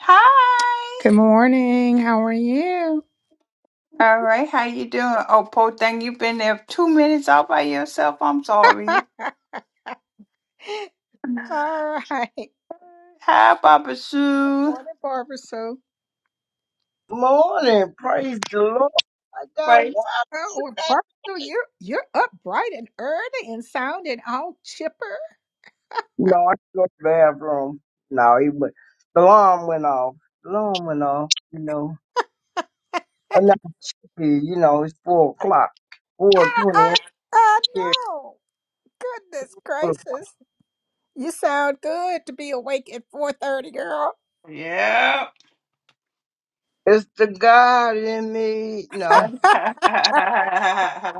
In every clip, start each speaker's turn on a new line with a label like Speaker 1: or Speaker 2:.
Speaker 1: Hi.
Speaker 2: Good morning. How are you?
Speaker 1: All right, how you doing? Oh, poor thing you've been there two minutes all by yourself. I'm sorry.
Speaker 2: All right.
Speaker 1: Hi, Papa Sue.
Speaker 2: Morning, Barbara Sue.
Speaker 3: Morning, praise the Lord. I got
Speaker 1: Right.
Speaker 3: what?
Speaker 2: Oh, Barbara Sue, you're you're up bright and early and sounding all chipper.
Speaker 3: No, I go to the bathroom. No, he went. The alarm went off. The alarm went off. You know, enough. You know, it's four o'clock, four
Speaker 2: I,
Speaker 3: twenty-eight.
Speaker 2: I, I
Speaker 3: here.
Speaker 2: know. Goodness gracious, you sound good to be awake at four thirty, girl.
Speaker 1: Yeah.
Speaker 3: It's the God in me. No,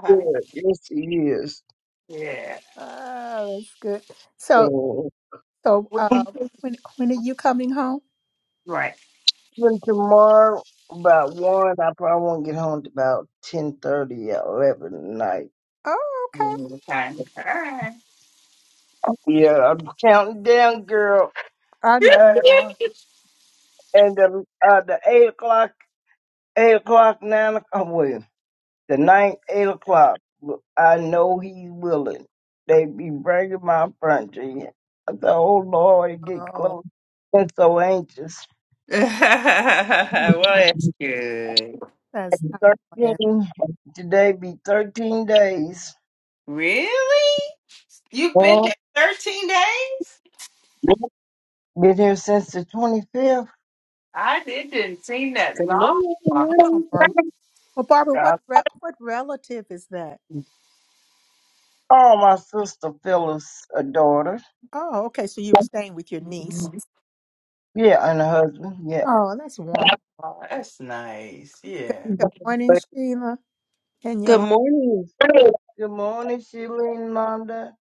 Speaker 3: good. Yes, He is.
Speaker 1: yeah.
Speaker 2: oh, that's good. So,
Speaker 3: So,
Speaker 2: so,
Speaker 1: What you-
Speaker 2: uh, when when are you coming home?
Speaker 1: Right.
Speaker 3: Even tomorrow, about one, I probably won't get home till about ten thirty, eleven at night.
Speaker 2: Oh, okay.
Speaker 1: Okay. All right.
Speaker 3: Yeah, I'm counting down, girl.
Speaker 2: I know you are.
Speaker 3: and the uh, the eight o'clock, eight o'clock, nine o'clock, oh, well, the ninth eight o'clock. well, I know he's willing. They be bringing my furniture. in. I said, "Oh Lord, it get
Speaker 2: Oh,
Speaker 3: close." Been so anxious.
Speaker 1: well,
Speaker 2: well,
Speaker 1: that's good.
Speaker 2: that's
Speaker 3: And
Speaker 2: not
Speaker 3: Thirteen today be thirteen days.
Speaker 1: Really? You've been
Speaker 3: Well,
Speaker 1: there 13 days?
Speaker 3: been here since the twenty fifth.
Speaker 1: I didn't seem that
Speaker 4: Good
Speaker 1: long.
Speaker 4: morning. Good
Speaker 2: bad.
Speaker 4: morning.
Speaker 2: Well, Barbara,
Speaker 3: I
Speaker 2: what re- what relative is that?
Speaker 3: saw my sister Phyllis, a daughter,
Speaker 2: Oh, okay. So you were staying with your niece.
Speaker 1: Oh,
Speaker 3: yeah, and a husband, yeah.
Speaker 2: Oh, that's wonderful.
Speaker 1: that's nice.
Speaker 2: Good,
Speaker 1: Yeah.
Speaker 2: good morning,
Speaker 3: But-
Speaker 2: Sheila and
Speaker 4: Good
Speaker 2: Yolanda.
Speaker 4: morning.
Speaker 3: Good morning, Sheila and Londa.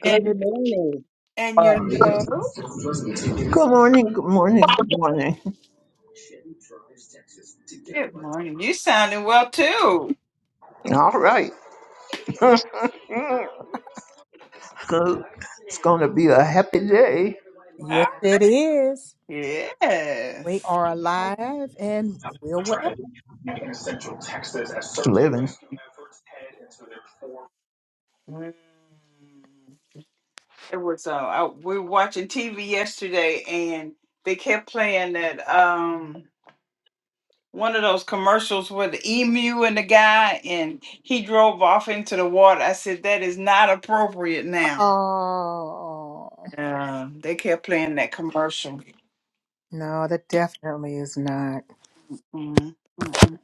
Speaker 4: Good morning.
Speaker 1: and
Speaker 3: Uh,
Speaker 1: your dove.
Speaker 5: Good morning, good morning, good morning.
Speaker 1: Good morning. You sounding well too.
Speaker 5: All right. It's good. It's going to be a happy day.
Speaker 2: Yes,
Speaker 1: Huh?
Speaker 2: it is. We
Speaker 1: Yes.
Speaker 2: are alive and we're well.
Speaker 5: Living.
Speaker 1: Mm. It was uh I, we were watching TV yesterday and they kept playing that um one of those commercials with the emu and the guy and he drove off into the water. I said that is not appropriate now.
Speaker 2: Oh,
Speaker 1: Um, they kept playing that commercial.
Speaker 2: no, that definitely is not.
Speaker 1: Mm, mm, mm.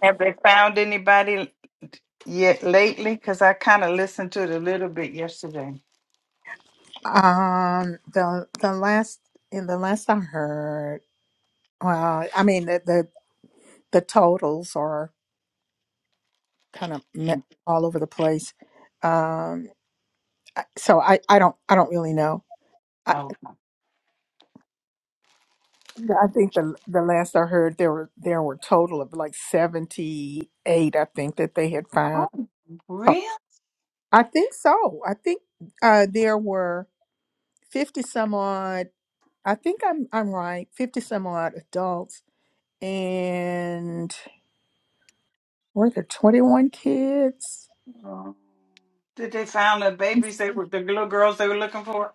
Speaker 1: Have they found anybody? yet lately? Because I kind of listened to it a little bit yesterday.
Speaker 2: Um, the the last in the last I heard, well, I mean the the, the totals are kind of me- all over the place. Um, I- so I I don't I don't really know I,
Speaker 1: Oh,
Speaker 2: I think the the last I heard there were there were total of like seventy eight. I think that they had found.
Speaker 1: oh,
Speaker 2: Oh,
Speaker 1: really?
Speaker 2: I think so. I think uh, there were fifty some odd. I think I'm I'm right. Fifty some odd adults, and were there twenty one kids?
Speaker 1: Did they find the babies they were the little girls they were looking for?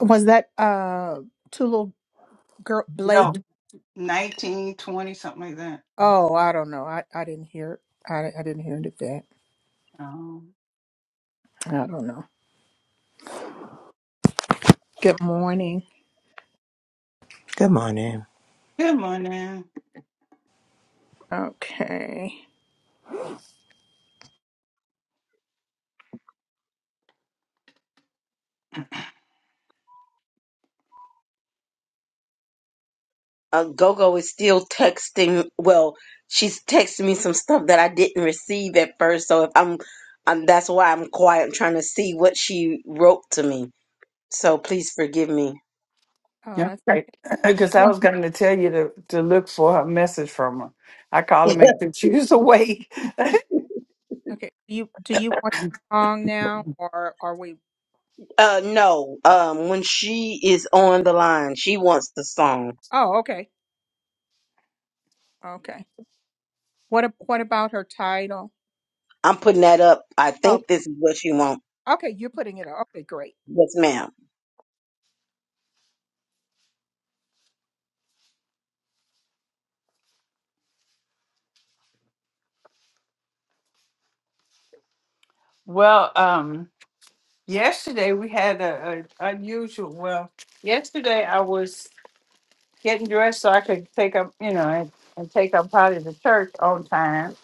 Speaker 2: Was that uh two little girl Blake?
Speaker 1: No, nineteen, twenty, something like that.
Speaker 2: Oh, I don't know. I I didn't hear. I I didn't hear any of that.
Speaker 1: Oh,
Speaker 2: I don't know. Good morning.
Speaker 6: Good morning.
Speaker 1: good morning.
Speaker 2: Okay.
Speaker 4: Uh, Gogo is still texting. Well, she's texting me some stuff that I didn't receive at first. So if I'm, I'm that's why I'm quiet. I'm trying to see what she wrote to me. So please forgive me.
Speaker 2: oh that's
Speaker 1: Yeah, right.
Speaker 2: Do you
Speaker 1: Because I
Speaker 2: want
Speaker 1: was going to tell you to to look for a message from her. I call her make sure she's awake.
Speaker 2: okay? Do you do you want the song now, or are we?
Speaker 4: Uh, no. Um, when she is on the line, she wants the song.
Speaker 2: Oh, okay, okay. What ab- what about her title?
Speaker 4: I'm putting that up. I
Speaker 2: Oh,
Speaker 4: think this is what she wants.
Speaker 2: okay. You're putting it. up. Okay, great.
Speaker 4: Yes, ma'am.
Speaker 1: Well, um, yesterday we had a, a unusual. Well, yesterday I was. getting dressed so I could take up, you know, and, and take up part to church on time,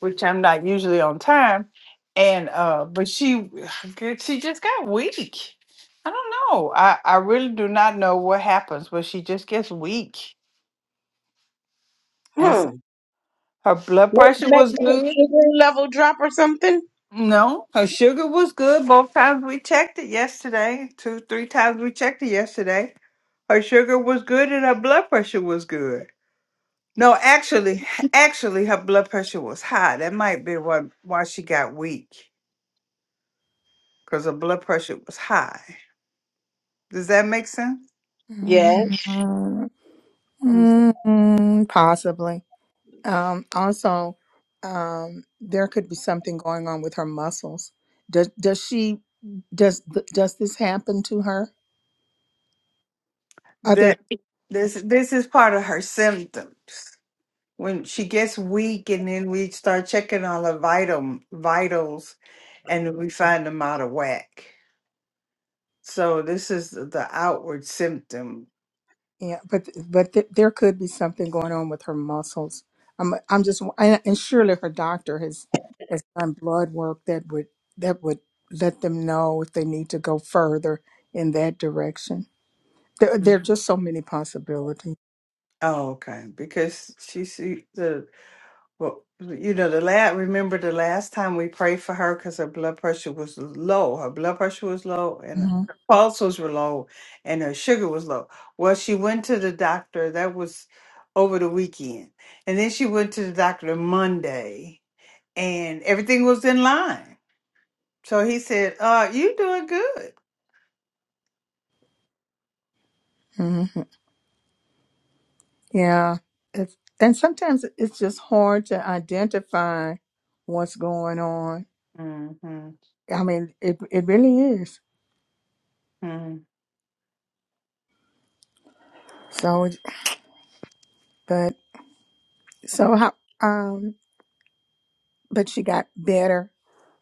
Speaker 1: which I'm not usually on time. And uh, but she, she just got weak. I don't know. I I really do not know what happens, but she just gets weak. And
Speaker 4: Hmm.
Speaker 1: so her blood
Speaker 4: Maybe,
Speaker 1: pressure
Speaker 4: maybe
Speaker 1: was
Speaker 4: her
Speaker 1: good.
Speaker 4: sugar level drop or something.
Speaker 1: No, her sugar was good. Both times we checked it yesterday, two, three times we checked it yesterday. Her sugar was good and her blood pressure was good No, actually, actually, her blood pressure was high. That might be what why she got weak because her blood pressure was high. Does that make sense?
Speaker 4: Yes.
Speaker 2: Mm,
Speaker 1: Mm.
Speaker 2: mm, possibly. Um, also, um, there could be something going on with her muscles. Does does she does th- does this happen to her? Other
Speaker 1: That this this is part of her symptoms. When she gets weak, and then we start checking all her vital vitals, and we find them out of whack. So this is the the outward symptom.
Speaker 2: Yeah, but but th- there could be something going on with her muscles. I'm I'm just and, and surely her doctor has has done blood work that would that would let them know if they need to go further in that direction. There, there are
Speaker 1: Mhm.
Speaker 2: just so many possibilities.
Speaker 1: Oh, okay. Because she see the well, you know, the last remember the last time we prayed for her because her blood pressure was low. Her blood pressure was low, and her
Speaker 2: hmm
Speaker 1: pulses were low, and her sugar was low. Well, she went to the doctor. That was over the weekend, and then she went to the doctor Monday, and everything was in line. So he said, "Uh, you doing good."
Speaker 2: hmm Yeah, it's, and sometimes it's just hard to identify what's going on.
Speaker 1: hmm
Speaker 2: I mean, it it really is. So, but so how? um. But you got better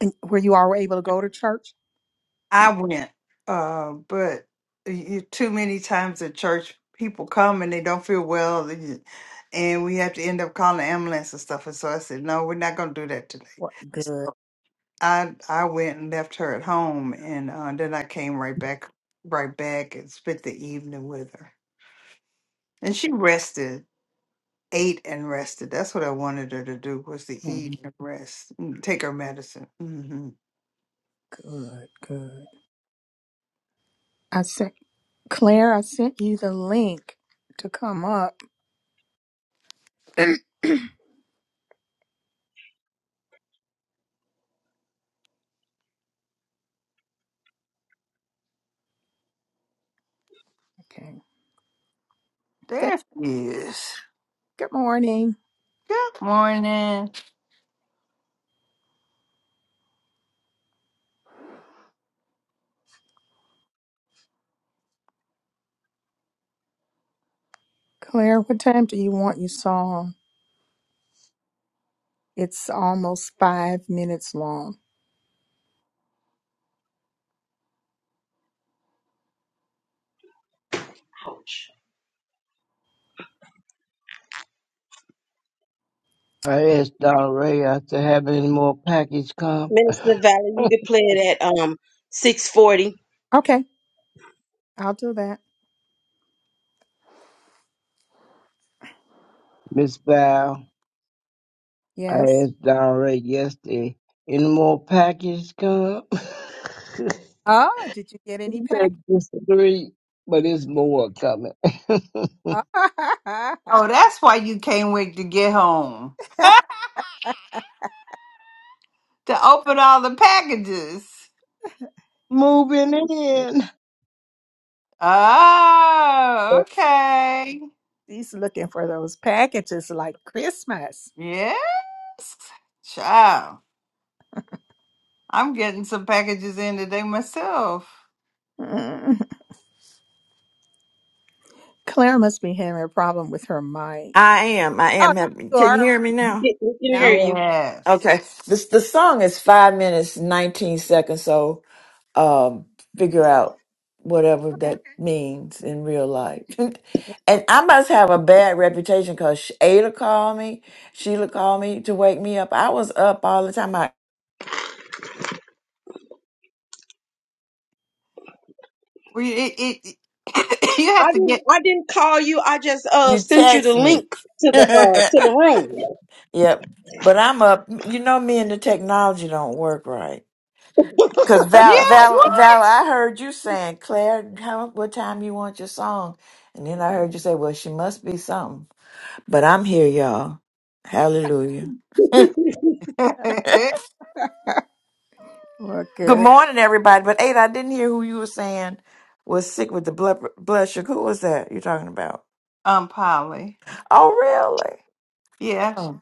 Speaker 2: and where you all were able to go to church?
Speaker 1: I went, uh, but you, too many times at church, people come and they don't feel well, and and we have to end up calling the ambulance and stuff. And so I said, no, we're not going to do that today.
Speaker 2: What good.
Speaker 1: So I I went and left her at home, and uh, then I came right back, right back, and spent the evening with her. And she rested, ate and rested. That's what I wanted her to do was to
Speaker 2: Mhm.
Speaker 1: eat and rest, and take her medicine. hmm
Speaker 2: Good, good. I sent Claire, I sent you the link to come up. Okay. Th-
Speaker 1: There she is.
Speaker 2: Good morning.
Speaker 1: Good morning.
Speaker 2: Claire, what time do you want your song? It's almost five minutes long.
Speaker 3: I asked Donna Ray I to have any more package come.
Speaker 4: Minister Valley, you could play it at um six forty.
Speaker 2: Okay, I'll do that.
Speaker 3: Miss Val, I
Speaker 2: Yes.
Speaker 3: asked Donna Ray yesterday, any more package come?
Speaker 2: Oh, did you get
Speaker 3: She
Speaker 2: any pack?
Speaker 3: said just three, but it's more coming.
Speaker 1: Oh, that's why you can't wait to get home to open all the packages.
Speaker 3: Moving in.
Speaker 1: Oh, okay.
Speaker 2: He's looking for those packages like Christmas.
Speaker 1: Yes. Child, I'm getting some packages in today myself.
Speaker 2: Claire must be having a problem with her mic.
Speaker 7: I am. I
Speaker 2: Oh,
Speaker 7: am. having-
Speaker 2: you
Speaker 7: Can you
Speaker 2: are
Speaker 7: hear me
Speaker 4: We
Speaker 7: now?
Speaker 4: can we can hear
Speaker 2: now.
Speaker 4: you.
Speaker 1: Yes.
Speaker 7: Okay. This the song is five minutes nineteen seconds. So um, figure out whatever
Speaker 2: Okay.
Speaker 7: that means in real
Speaker 2: Well,
Speaker 7: life. and
Speaker 2: well,
Speaker 7: I must have a bad reputation because Ada called me, Sheila called me to wake me up. I was up all the time. I
Speaker 1: We it, it, it- you have
Speaker 4: I
Speaker 1: to
Speaker 4: didn't.
Speaker 1: get
Speaker 4: I didn't call you. I just uh
Speaker 7: you
Speaker 4: sent you the
Speaker 7: text me.
Speaker 4: link to the
Speaker 7: yep.
Speaker 4: uh to the room.
Speaker 7: But I'm up. You know, me and the technology don't work right. Cause Val,
Speaker 1: Yes,
Speaker 7: Val, Val, I heard you saying, Claire, how, what time you want your song? And then I heard you say, well, she must be something. But I'm here, y'all. Hallelujah. Good
Speaker 1: what?
Speaker 2: well, good.
Speaker 7: morning, everybody. But Ada, I didn't hear who you were saying was sick with the blood blood sugar. Who was that you're talking about?
Speaker 1: um Polly.
Speaker 7: Oh, really?
Speaker 1: Yeah.
Speaker 7: Oh.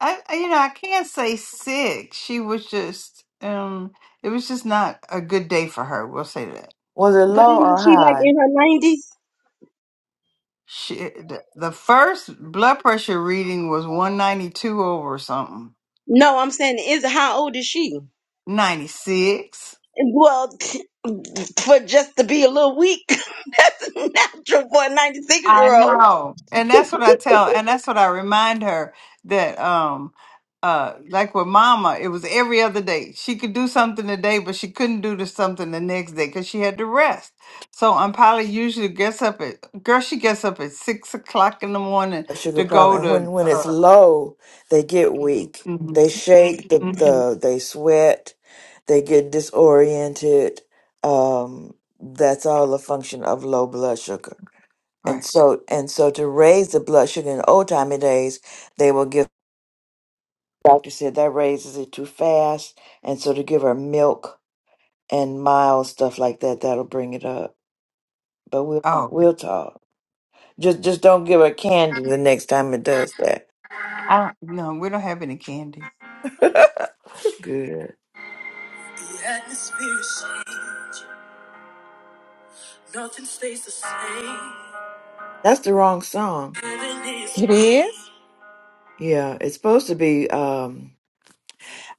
Speaker 1: I I- you know, I can't say sick. She was just um it was just not a good day for her. We'll say that.
Speaker 7: Was it
Speaker 4: But
Speaker 7: low
Speaker 4: isn't
Speaker 7: or
Speaker 4: she like
Speaker 7: high?
Speaker 4: in her nineties?
Speaker 1: She, the the first blood pressure reading was 192 over something,
Speaker 4: No, I'm saying is how old is she?
Speaker 1: 96.
Speaker 4: Well, for just to be a little weak, that's natural for a 96
Speaker 1: I
Speaker 4: year old.
Speaker 1: know. And that's what I tell, and that's what I remind her that, um, uh, like with mama, it was every other day. She could do something today, but she couldn't do the something the next day because she had to rest. So I'm probably usually gets up at, girl, she gets up at six o'clock in the morning
Speaker 7: a sugar
Speaker 1: to go
Speaker 7: problem. And
Speaker 1: to,
Speaker 7: when when it's
Speaker 1: uh,
Speaker 7: low, they get weak.
Speaker 1: mhm,
Speaker 7: They shake. The,
Speaker 1: mhm.
Speaker 7: the they sweat. They get disoriented. Um, that's all a function of low blood sugar. And
Speaker 1: right.
Speaker 7: so and so to raise the blood sugar in old timey days, they will give. Doctor said that raises it too fast, and so to give her milk and mild stuff like that, that'll bring it up. But we'll
Speaker 1: Oh,
Speaker 7: we'll talk. Just just don't give her candy the next time it does that.
Speaker 1: I don't, no, we don't have any candy.
Speaker 7: Good.
Speaker 2: The atmosphere is changed. Nothing stays the same.
Speaker 7: That's the wrong song.
Speaker 2: Heaven is It is
Speaker 7: Yeah, it's supposed to be um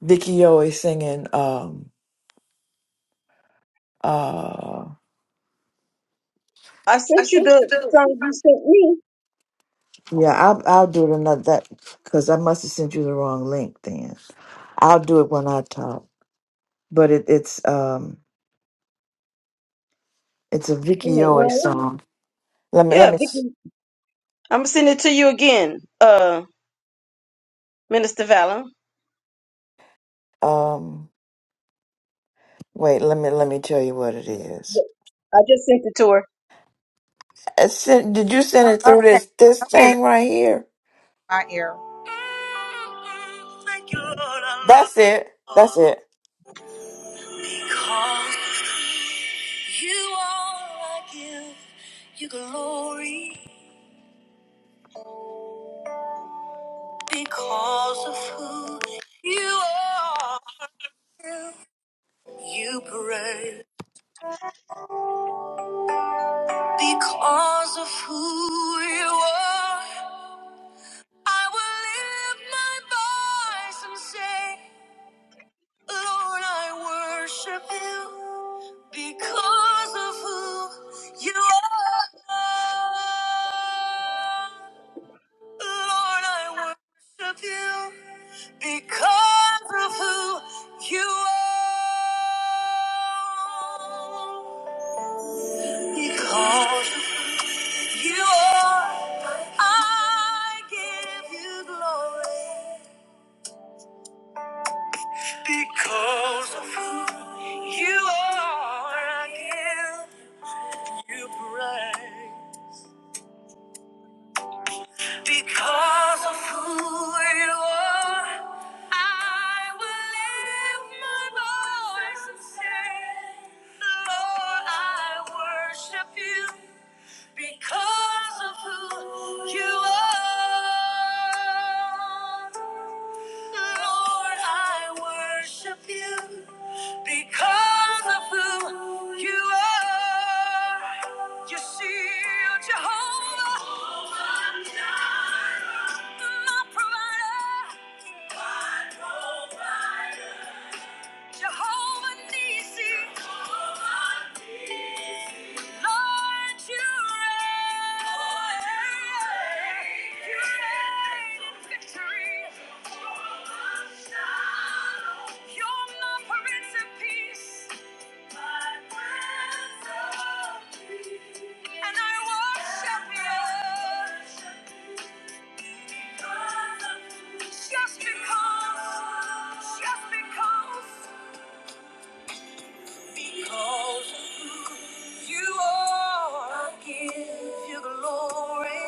Speaker 7: Vicky always singing um uh
Speaker 4: I
Speaker 7: I
Speaker 4: sent you
Speaker 7: sent
Speaker 4: the
Speaker 7: you the.
Speaker 4: song you sent me.
Speaker 7: yeah, I'll I'll do it another that because I must have sent you the wrong link then. I'll do it when I talk. But it, it's um it's a
Speaker 4: Wait
Speaker 7: Vicky
Speaker 4: a minute,
Speaker 7: Yoy
Speaker 4: Ryan.
Speaker 7: song. Let me let
Speaker 4: Yeah,
Speaker 7: me s-
Speaker 4: Vicky. I'm gonna send it to you again, uh, Minister Valor.
Speaker 7: um wait, let me let me tell you what it is.
Speaker 4: I just sent it to her.
Speaker 7: I sent, did you send it through this this thing right here?
Speaker 2: my ear. Thank you, Lord, I
Speaker 7: That's it. That's
Speaker 2: love
Speaker 7: it.
Speaker 2: you. Because you are, I give you glory. Because of who you are. You pray because of who you are. I will lift my voice and say, Lord, I worship you because of who you are. Lord, I worship you because of who you are. Because of who you are, I give you glory. Because of who you are, I give you praise. Because of who you are, I will lift my voice and say, Lord, I worship you because of who you are. Lord, I worship you because of who you are. You see, you're Jehovah, my provider. My provider. Jehovah Nissi. Lord, you reign. You reign in victory. You're my Prince of Peace. And I worship you. Just because. Just because. Because you are, I give you glory.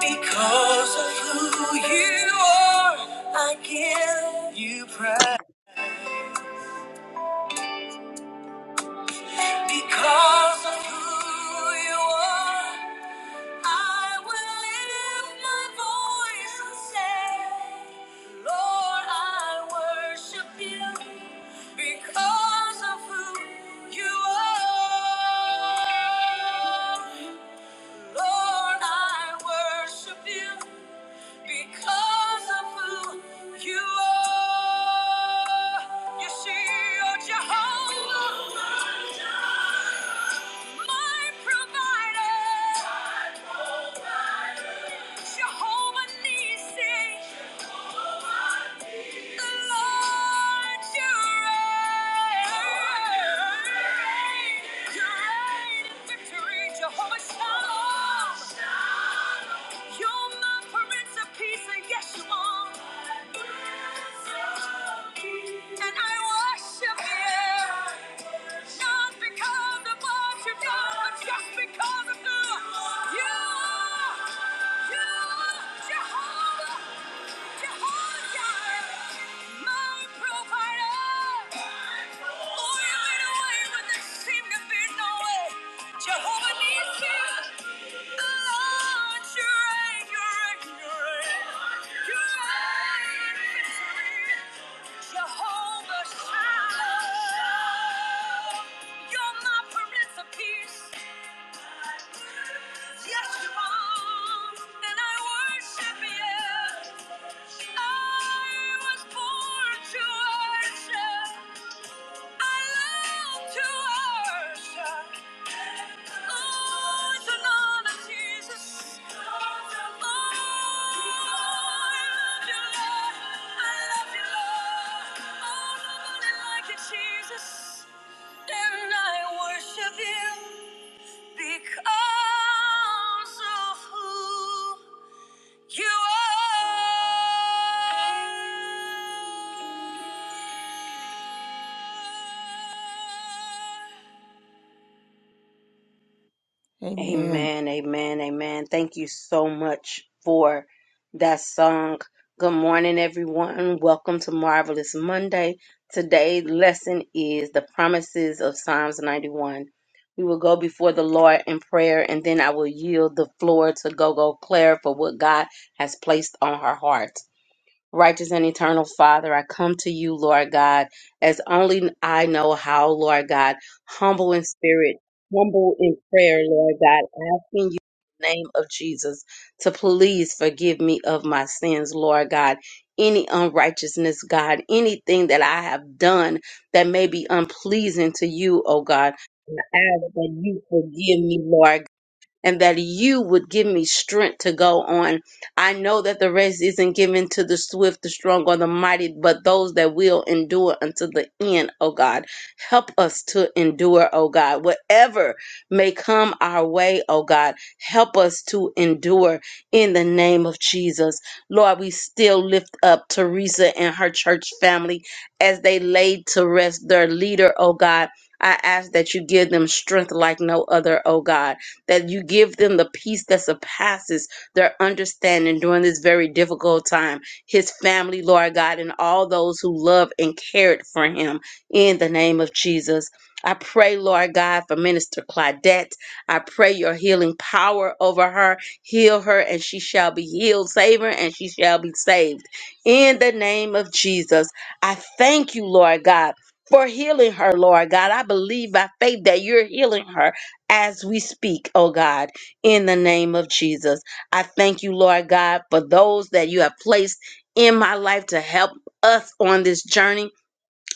Speaker 2: Because of who you are, I give you praise. Because of who you are. I will lift my voice and say, Lord, I worship you because of who you are. Lord, I worship you because of who you are. You see, you're Jehovah, my provider. Jehovah Nissi, the Lord your reign. You reign in victory, Jehovah Shalom. You're my Prince of Peace, and yes you are. And I worship you, not because of what you've done, but just because of who you are. You are Jehovah. Jehovah Nissi, Lord, you reign, you reign, you reign, you reign victory. Jehovah Shalom, you're my Prince of Peace. Yes, you are, and I worship you. I was born to worship. I love to worship. Oh, it's an honor, Jesus. Oh, I love you, Lord. I love you, Lord. Oh, nobody like you, Jesus. And I worship you. Because of who you are. Amen.
Speaker 4: Amen, amen, amen. Thank you so much for that song. Good morning, everyone. Welcome to Marvelous Monday. Today's lesson is the promises of Psalms 91. We will go before the Lord in prayer, and then I will yield the floor to Gogo Claire for what God has placed on her heart. Righteous and eternal Father, I come to you, Lord God, as only I know how, Lord God, humble in spirit, humble in prayer, Lord God, asking you in the name of Jesus to please forgive me of my sins, Lord God. Any unrighteousness, God, anything that I have done that may be unpleasing to you, oh God. I ask that you forgive me, Lord and that you would give me strength to go on. I know that the race isn't given to the swift, the strong, or the mighty, but those that will endure until the end, oh God. Help us to endure, oh God. Whatever may come our way, oh God, help us to endure in the name of Jesus. Lord, we still lift up Teresa and her church family as they laid to rest their leader, oh God. I ask that you give them strength like no other, oh God that you give them the peace that surpasses their understanding during this very difficult time. His family, Lord God, and all those who love and cared for him in the name of Jesus. I pray, Lord God, for Minister Claudette. I pray your healing power over her. Heal her and she shall be healed. Save her and she shall be saved. In the name of Jesus, I thank you, Lord God, for healing her, Lord God. I believe by faith that you're healing her as we speak, oh God, in the name of Jesus. I thank you, Lord God, for those that you have placed in my life to help us on this journey.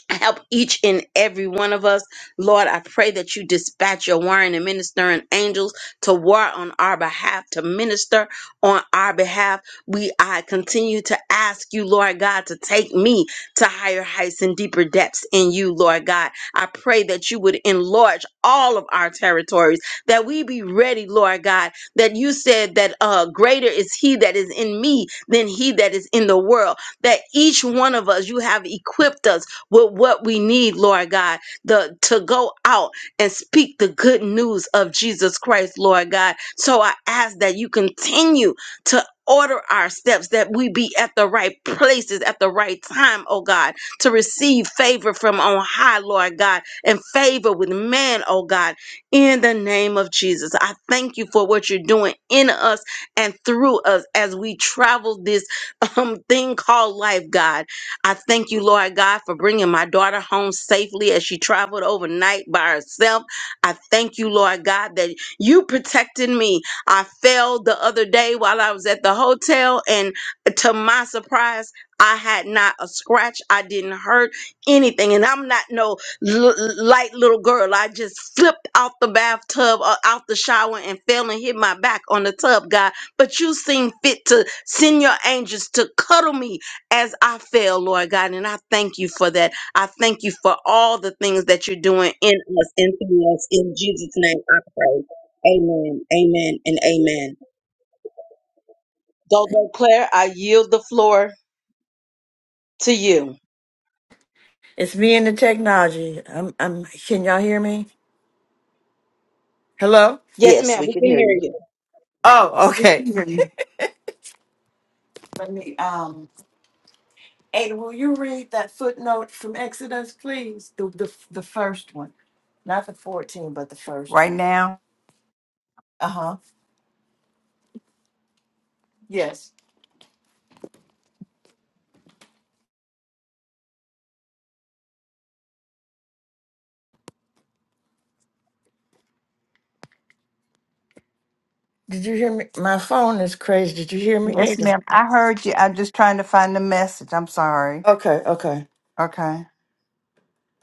Speaker 4: Help each and every one of us. Lord, I pray that you dispatch your warring and ministering angels to war on our behalf, to minister on our behalf. We I continue to ask you, Lord God, to take me to higher heights and deeper depths in you, Lord God. I pray that you would enlarge all of our territories, that we be ready, Lord God, that you said that uh greater is he that is in me than he that is in the world. That each one of us, you have equipped us with what we need, Lord God, the to go out and speak the good news of Jesus Christ, Lord God. So I ask that you continue to order our steps that we be at the right places at the right time oh god to receive favor from on high lord god and favor with man oh god in the name of jesus i thank you for what you're doing in us and through us as we travel this um thing called life god I thank you, Lord God, for bringing my daughter home safely as she traveled overnight by herself. I thank you, Lord God, that you protected me. I fell the other day while I was at the hotel, and to my surprise, I had not a scratch. I didn't hurt anything. And I'm not no l- light little girl. I just flipped out the bathtub, uh, out the shower, and fell and hit my back on the tub, God. But you seem fit to send your angels to cuddle me as I fail, Lord God, and I thank you for that. I thank you for all the things that you're doing in us and through us. In Jesus' name, I pray. Amen, amen, and amen. Go, go, Claire. I yield the floor to you.
Speaker 7: It's me and the technology. I'm, I'm, can y'all hear me? Hello?
Speaker 4: Yes,
Speaker 8: Yes,
Speaker 4: ma'am.
Speaker 8: we
Speaker 4: We
Speaker 8: can
Speaker 4: can
Speaker 8: hear
Speaker 4: hear
Speaker 8: you.
Speaker 4: you.
Speaker 7: Oh,
Speaker 1: Yes,
Speaker 7: okay.
Speaker 1: can hear you
Speaker 7: Let me, um, Ada, will you read that footnote from Exodus, please? The, the, the first one, not the 14, but the first
Speaker 1: Right
Speaker 7: one.
Speaker 1: now?
Speaker 7: Uh huh. Yes. Did you hear me? My phone is crazy. Did you hear me,
Speaker 1: Yes,
Speaker 7: Ada?
Speaker 1: ma'am. I heard you. I'm just trying to find the message. I'm sorry.
Speaker 7: Okay, okay.
Speaker 1: Okay.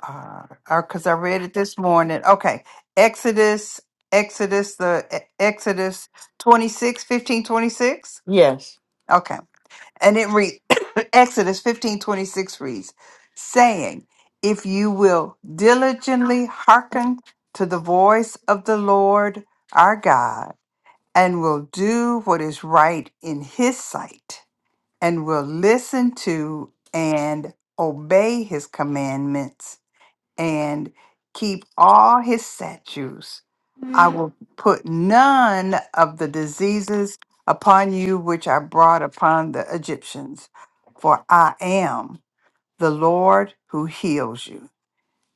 Speaker 1: Uh, because I read it this morning. Okay. Exodus, Exodus, the E- Exodus 26, 15, 26.
Speaker 7: Yes.
Speaker 1: Okay. And it reads, Exodus 15 26 reads, saying, If you will diligently hearken to the voice of the Lord our God, and will do what is right in his sight, and will listen to and obey his commandments, and keep all his statutes. I will put none of the diseases upon you which I brought upon the Egyptians, for I am the Lord who heals you.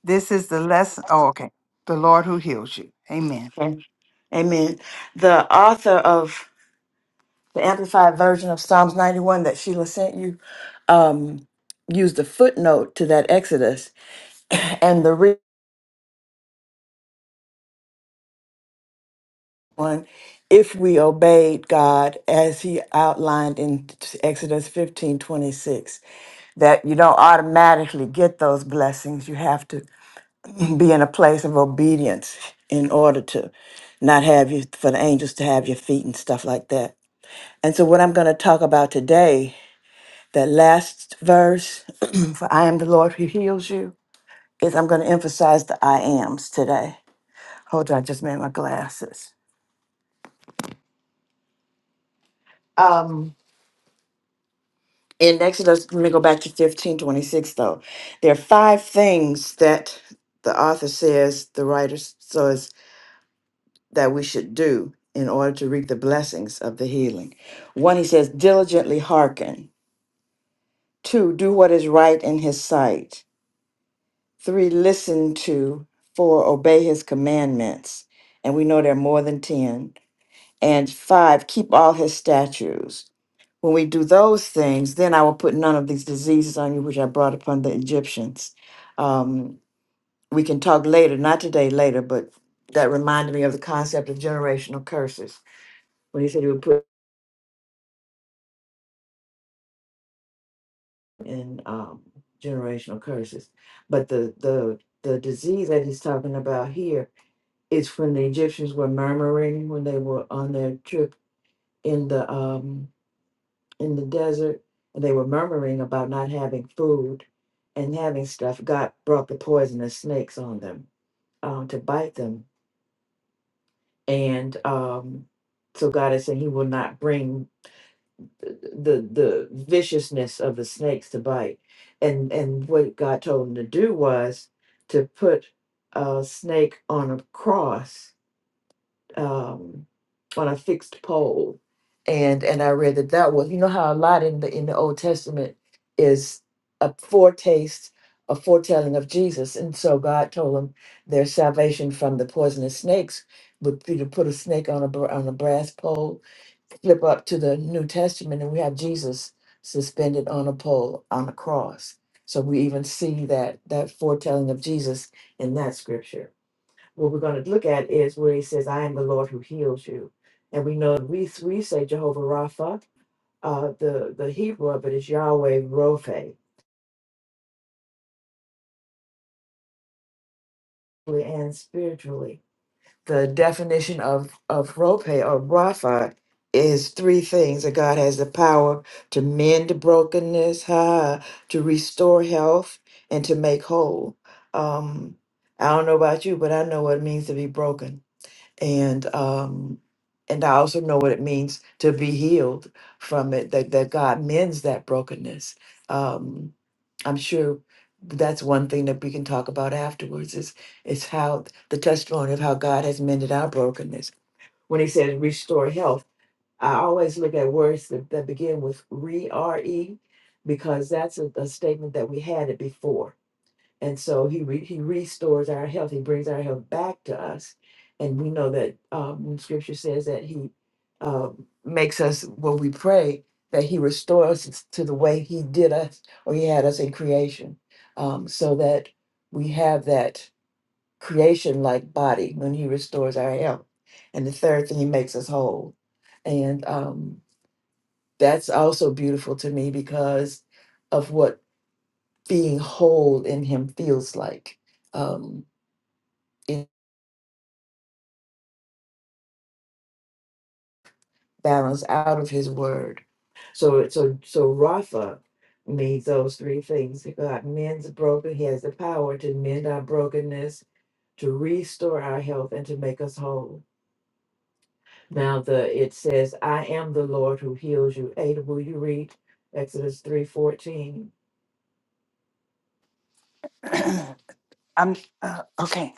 Speaker 1: This is the lesson. Oh, okay. The Lord who heals you. Amen.
Speaker 7: Okay. Amen. The author of the Amplified Version of Psalms 91 that Sheila sent you um, used a footnote to that Exodus. And the real one, if we obeyed God as he outlined in Exodus 15 26, that you don't automatically get those blessings. You have to be in a place of obedience in order to not have you, for the angels to have your feet and stuff like that. And so, what I'm going to talk about today, that last verse, for I am the Lord who heals you, is I'm going to emphasize the I ams today. Hold on, I just made my glasses. Um. in Exodus, let me go back to fifteen twenty six. though. There are five things that the author says, the writer s- says, that we should do in order to reap the blessings of the healing. One, he says, diligently hearken. Two, do what is right in his sight. Three, listen to. Four, obey his commandments. And we know there are more than 10. and five, keep all his statutes. When we do those things, then I will put none of these diseases on you which I brought upon the Egyptians. Um, we can talk later, not today, later, but that reminded me of the concept of generational curses when he said he would put in um, generational curses. But the, the, the disease that he's talking about here is when the Egyptians were murmuring when they were on their trip in the um, in the desert and they were murmuring about not having food and having stuff, God brought the poisonous snakes on them um, to bite them. And um, so God is saying He will not bring the, the viciousness of the snakes to bite. And and what God told him to do was to put a snake on a cross um, on a fixed pole, and and I read that that was you know how a lot in the in the Old Testament is a foretaste, a foretelling of Jesus, and so God told them their salvation from the poisonous snakes would be to put a snake on a br- on a brass pole, flip up to the New Testament, and we have Jesus suspended on a pole on a cross. So we even see that that foretelling of Jesus in that scripture what we're going to look at is where he says, I am the Lord who heals you. And we know we, we say Jehovah Rapha, uh, the, the Hebrew of it is Yahweh Rophe, physically and spiritually. The definition of, of Rophe or Rapha is three things that God has the power to mend brokenness, ha, to restore health, and to make whole. Um, I don't know about you, but I know what it means to be broken. and um and I also know what it means to be healed from it that that God mends that brokenness. Um I'm sure that's one thing that we can talk about afterwards is is how the testimony of how God has mended our brokenness. When he said restore health, I always look at words that, that begin with re R E because that's a, a statement that we had it before and so he re- he restores our health. He brings our health back to us, and we know that um, when Scripture says that he uh, makes us when we pray that he restores us to the way he did us or he had us in creation, um, so that we have that creation like body when he restores our health. And the third thing, he makes us whole, and um, that's also beautiful to me because of what being whole in him feels like. Um, in balance out of his word. So it- so so Rapha means those three things. that God mends the broken. He has the power to mend our brokenness, to restore our health, and to make us whole. Now the it says, I am the Lord who heals you. Ada, will you read Exodus three fourteen?
Speaker 1: I'm uh, okay.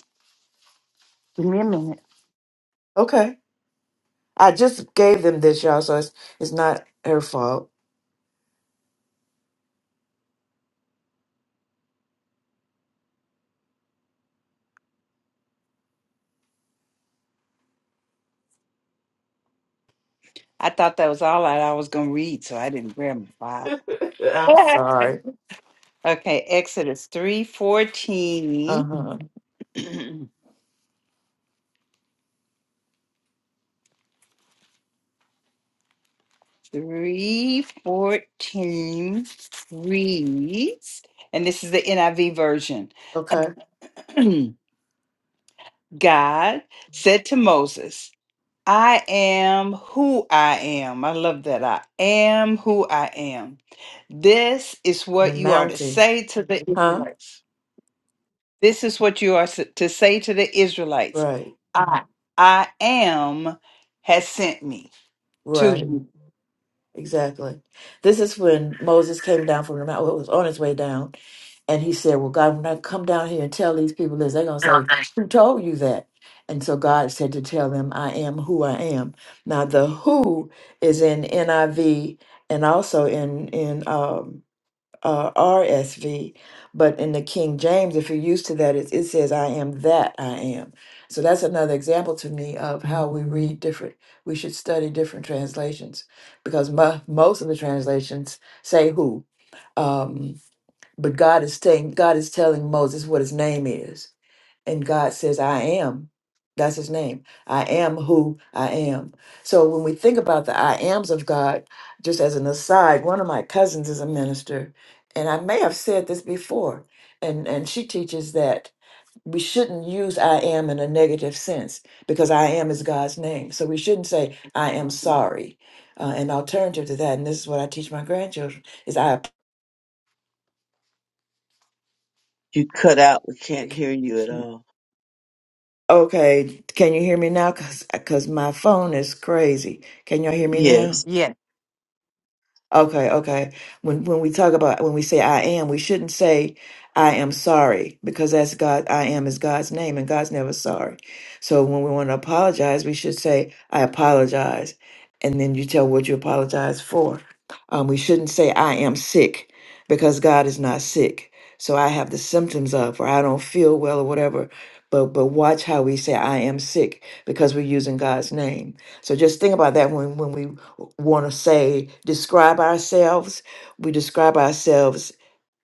Speaker 1: Give me a minute.
Speaker 7: Okay. I just gave them this, y'all, so it's, it's not her fault.
Speaker 1: I thought that was all I, I was going to read, so I didn't grab my
Speaker 7: I'm
Speaker 1: Bible.
Speaker 7: sorry.
Speaker 1: Okay, Exodus 3:14.
Speaker 7: Uh-huh.
Speaker 1: 3:14 reads, and this is the NIV version.
Speaker 7: Okay.
Speaker 1: God said to Moses, I am who I am. I love that. I am who I am. This is
Speaker 7: The
Speaker 1: what you are to
Speaker 7: mountain.
Speaker 1: say to the
Speaker 7: Huh?
Speaker 1: Israelites. This is what you are s- to say to the Israelites
Speaker 7: Right,
Speaker 1: I, I am has sent me to
Speaker 7: Right.
Speaker 1: you.
Speaker 7: Exactly. This is when Moses came down from the mountain, well, was on his way down, and he said, Well, God, when I come down here and tell these people this, they're going to say, 'Who told you that? And so God said to tell them, I am who I am. Now, the who is in NIV and also in, in, um uh, RSV, but in the King James, if you're used to that, it, it says, I am that I am. So that's another example to me of how we read different, we should study different translations because mo- most of the translations say who. Um, but God is saying, God is telling Moses what his name is and God says, I am. That's his name. I am who I am. So when we think about the I ams of God, just as an aside, one of my cousins is a minister, and I may have said this before, and, and she teaches that we shouldn't use I am in a negative sense because I am is God's name. So we shouldn't say, I am sorry. Uh, an alternative to that, and this is what I teach my grandchildren, is I am.
Speaker 8: You cut out. We can't
Speaker 7: sick.
Speaker 8: hear you at all.
Speaker 7: Okay, can you hear me now? Cause, 'cause my phone is crazy. Can y'all hear me now?
Speaker 8: Yes.
Speaker 1: Yes.
Speaker 7: Okay, okay. When when we talk about when we say I am, we shouldn't say I am sorry because that's God. I am is God's name, and God's never sorry. So when we want to apologize, we should say I apologize, and then you tell what you apologize for. Um, we shouldn't say I am sick because God is not sick. So I have the symptoms of, or I don't feel well, or whatever. But but watch how we say I am sick because we're using God's name. So just think about that when when we want to say describe ourselves we describe ourselves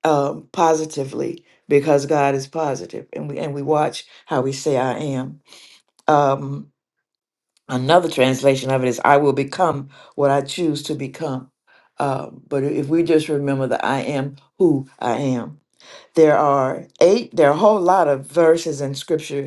Speaker 7: um, positively because god is positive and we and we watch how we say i am um, another translation of it is i will become what i choose to become uh, but if we just remember that i am who i am there are eight there are a whole lot of verses in scripture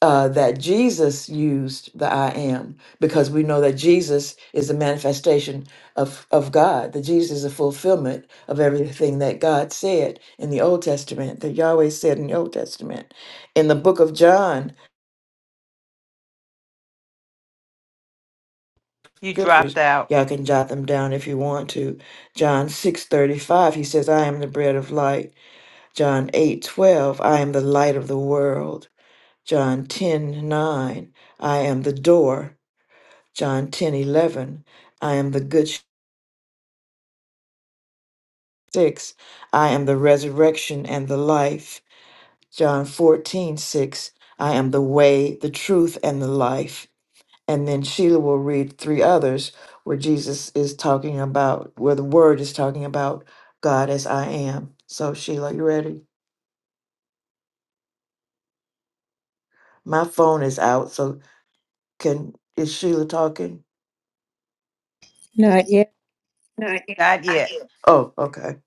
Speaker 7: uh, that Jesus used the I am because we know that Jesus is the manifestation of, of God, that Jesus is a fulfillment of everything that God said in the Old Testament, that Yahweh said in the Old Testament. In the book of John,
Speaker 1: You
Speaker 7: scriptures,
Speaker 1: dropped out.
Speaker 7: y'all can jot them down if you want to. John 6:35, he says, I am the bread of light. John 8:12, I am the light of the world. John 10:9, I am the door. John 10 11, I am the good sh- six. I am the resurrection and the life. John 14 6. I am the way, the truth, and the life. And then Sheila will read three others where Jesus is talking about, where the word is talking about God as I am. So, Sheila, you ready? My phone is out. So, can, is Sheila talking?
Speaker 2: Not yet.
Speaker 7: No, I did.
Speaker 1: Not
Speaker 7: I
Speaker 1: yet.
Speaker 7: did. Oh, okay.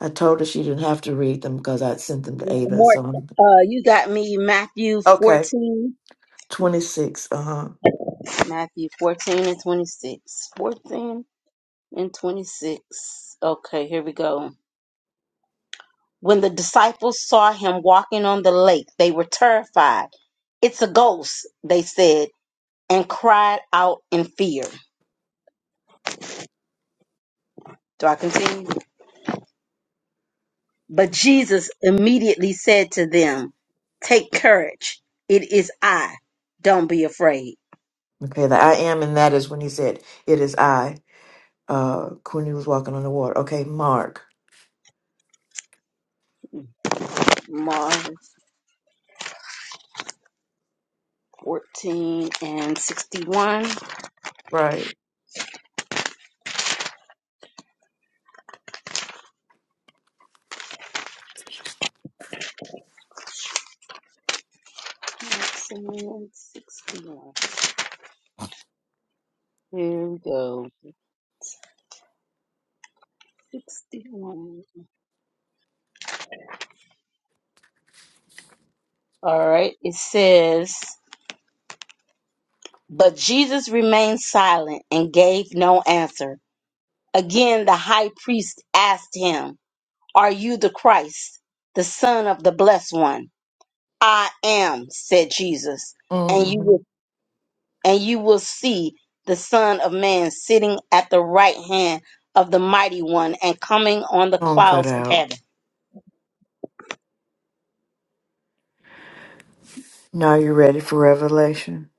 Speaker 7: I told her she didn't have to read them because I sent them to Ada.
Speaker 4: More,
Speaker 7: So, I'm-
Speaker 4: uh, you got me Matthew
Speaker 7: okay.
Speaker 4: 14.
Speaker 7: 26. Uh huh.
Speaker 4: Matthew 14 and 26. 14 and 26. Okay, here we go. When the disciples saw him walking on the lake, they were terrified. It's a ghost, they said, and cried out in fear. Do I continue? But Jesus immediately said to them, Take courage. It is I. Don't be afraid.
Speaker 7: Okay. The I am and that is when he said, It is I. Uh, when he was walking on the water. Okay. Mark.
Speaker 4: Mark 14 and 61.
Speaker 7: Right.
Speaker 4: Maximum 61. Here we go. 61. All right. It says, But Jesus remained silent and gave no answer. Again, the high priest asked him, Are you the Christ, the Son of the Blessed One? I am, said Jesus, and you
Speaker 7: Mm-hmm.
Speaker 4: will, and you will see the Son of Man sitting at the right hand of the Mighty One and coming on the
Speaker 7: Phone cut
Speaker 4: clouds of
Speaker 7: out.
Speaker 4: heaven.
Speaker 7: Now you're ready for Revelation.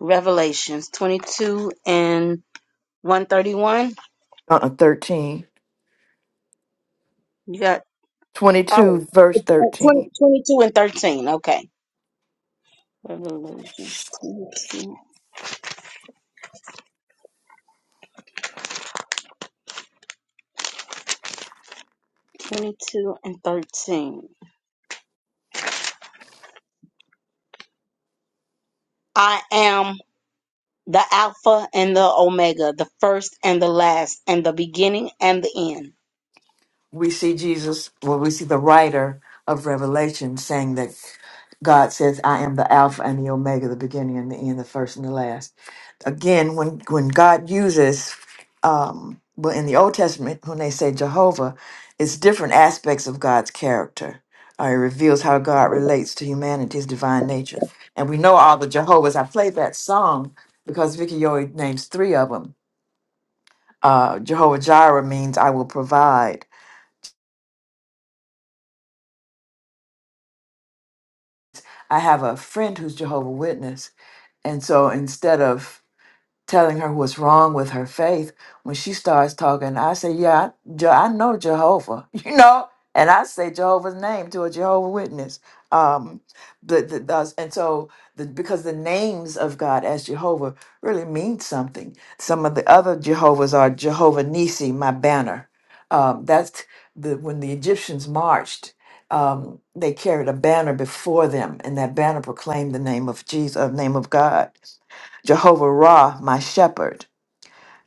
Speaker 4: Revelations 22 and 131.
Speaker 7: Uh uh 13.
Speaker 4: You got, oh,
Speaker 7: 22, verse
Speaker 4: it's 20,
Speaker 7: 13.
Speaker 4: twenty-two and 13. Okay. Revelations 22, and 13. I am the Alpha and the Omega, the first and the last, and the beginning and the end.
Speaker 7: we see Jesus, well, we see the writer of Revelation saying that God says, I am the Alpha and the Omega, the beginning and the end, the first and the last. Again, when, when God uses, um, well, in the Old Testament, when they say Jehovah, it's different aspects of God's character. Uh, it reveals how God relates to humanity's divine nature. And we know all the Jehovahs. I played that song because Vicky Yoy names three of them. Uh, Jehovah Jireh means I will provide. I have a friend who's Jehovah Witness, and so instead of telling her what's wrong with her faith when she starts talking i say yeah i, Je- I know jehovah you know and i say jehovah's name to a jehovah witness um the, the, the- and so the, because the names of god as jehovah really mean something some of the other jehovah's are jehovah nisi my banner um that's the when the egyptians marched um, they carried a banner before them, and that banner proclaimed the name of Jesus, uh, name of God. Jehovah Ra, my shepherd,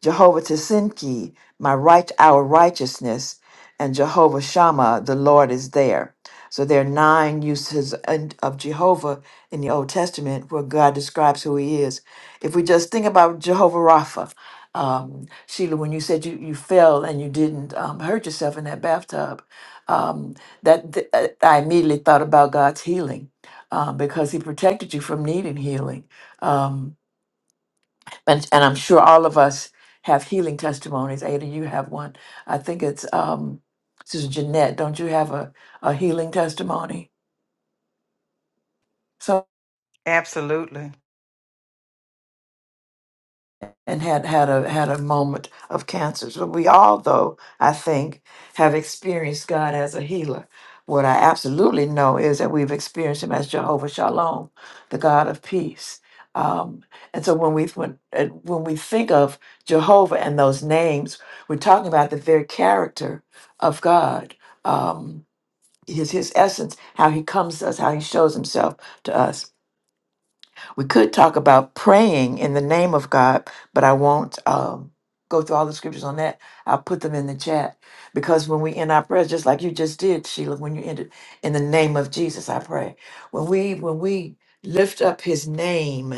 Speaker 7: Jehovah Tisinki, my right our righteousness, and Jehovah Shammah, the Lord is there. So there are nine uses in- of Jehovah in the Old Testament where God describes who He is. If we just think about Jehovah Rapha, um, Sheila, when you said you, you fell and you didn't um, hurt yourself in that bathtub, um, that th- uh, I immediately thought about God's healing uh, because He protected you from needing healing. Um, and, and I'm sure all of us have healing testimonies. Ada, you have one. I think it's um, Sister Jeanette. Don't you have a, a healing testimony? So
Speaker 1: Absolutely.
Speaker 7: and had had a had a moment of cancer. So we all, though I think, have experienced God as a healer. What I absolutely know is that we've experienced Him as Jehovah Shalom, the God of peace. Um, and so when we when uh, when we think of Jehovah and those names, we're talking about the very character of God. Um, his, his essence, how he comes to us, how he shows himself to us. We could talk about praying in the name of God, but I won't um, go through all the scriptures on that. I'll put them in the chat because when we end our prayers, just like you just did, Sheila, when you ended in the name of Jesus, I pray. When we when we lift up His name,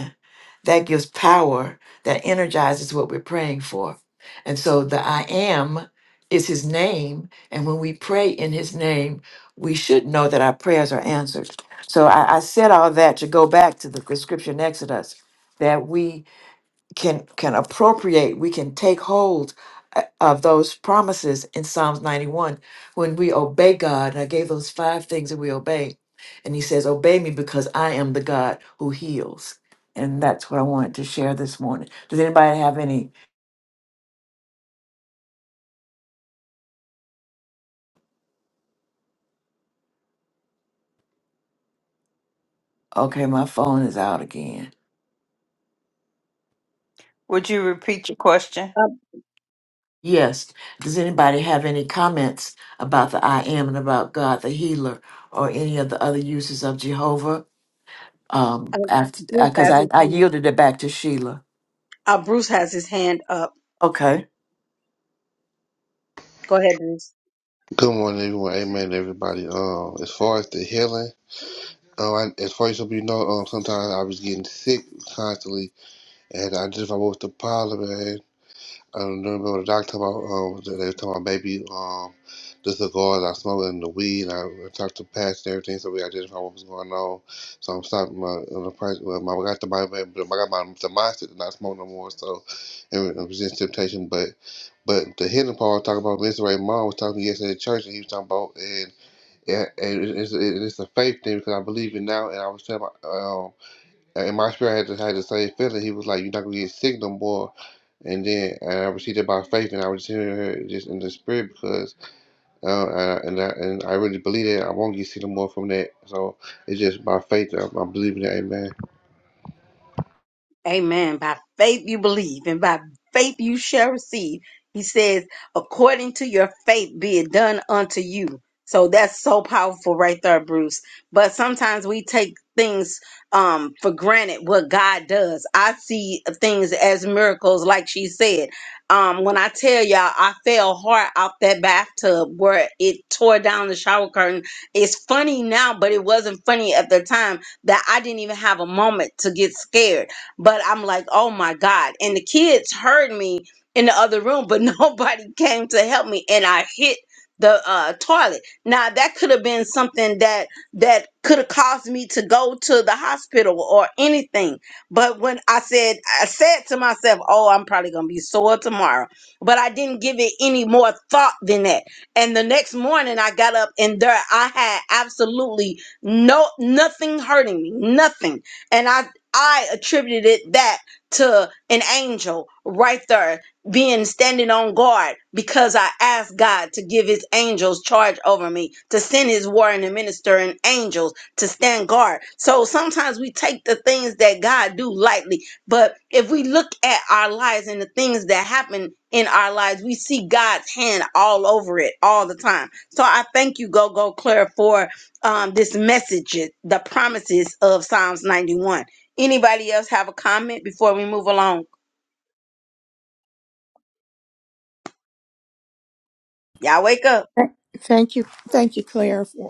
Speaker 7: that gives power, that energizes what we're praying for, and so the I am is His name, and when we pray in His name, we should know that our prayers are answered. So I, I said all that to go back to the, the scripture in Exodus that we can can appropriate, we can take hold uh, of those promises in Psalms 91 when we obey God. And I gave those five things that we obey. And he says, Obey me because I am the God who heals. And that's what I wanted to share this morning. Does anybody have any? Okay, my phone is out again.
Speaker 1: Would you repeat your question?
Speaker 4: Um,
Speaker 7: Yes. Does anybody have any comments about the I am and about God the healer or any of the other uses of Jehovah? Um,
Speaker 4: um,
Speaker 7: after
Speaker 4: Bruce
Speaker 7: because
Speaker 4: has
Speaker 7: I,
Speaker 4: his
Speaker 7: I
Speaker 4: hand.
Speaker 7: yielded it back to Sheila.
Speaker 4: Uh, Bruce has his hand up.
Speaker 7: Okay.
Speaker 4: Go ahead, Bruce.
Speaker 9: Good morning, everyone. Amen, everybody. Um, as far as the healing, um, I, as far as some of you know, um, sometimes I was getting sick constantly, and I just I was the problem, man. I don't remember the doctor about um, they they were talking about maybe um, the cigars I smoked and the weed. And I, talked to past and everything, so we identified what was going on. So I'm stopping my on the price. Well, my, I got the my, I got my the mindset to not smoke no more. So and it resist temptation, but but the hidden part I was talking about Mr. Ray Mom was talking yesterday at church, and he was talking about and yeah, and it- it's, it- it's a faith thing because I believe it now. And I was telling my, um, and my spirit had the, had the same feeling. He was like, "You're not gonna get sick no more." And then and I received it by faith, and I was just hearing her just in the spirit because, uh, uh, and I, and I really believe that I won't get sick no more from that. So it's just by faith that I'm, I'm believing that. Amen.
Speaker 4: Amen. By faith you believe, and by faith you shall receive. He says, according to your faith be it done unto you. So that's so powerful right there, Bruce. But sometimes we take things um for granted what God does. I see things as miracles, like she said. Um, when I tell y'all I fell hard out that bathtub where it tore down the shower curtain. It's funny now, but it wasn't funny at the time that I didn't even have a moment to get scared but I'm like, oh my God. And the kids heard me in the other room, but nobody came to help me. And I hit the uh, toilet. Now that could have been something that that could have caused me to go to the hospital or anything. But when I said I said to myself, "Oh, I'm probably going to be sore tomorrow." But I didn't give it any more thought than that. And the next morning I got up and there I had absolutely no nothing hurting me, nothing. And I I attributed that to an angel right there being standing on guard because I asked God to give his angels charge over me, to send his warring and ministering angels to stand guard. So sometimes we take the things that God do lightly, but if we look at our lives and the things that happen in our lives, we see God's hand all over it all the time. So I thank you, Go Go Claire, for um, this message, the promises of Psalms 91 Anybody else have a comment before we move along? Y'all wake up,
Speaker 2: Thank you. Thank you, Claire, for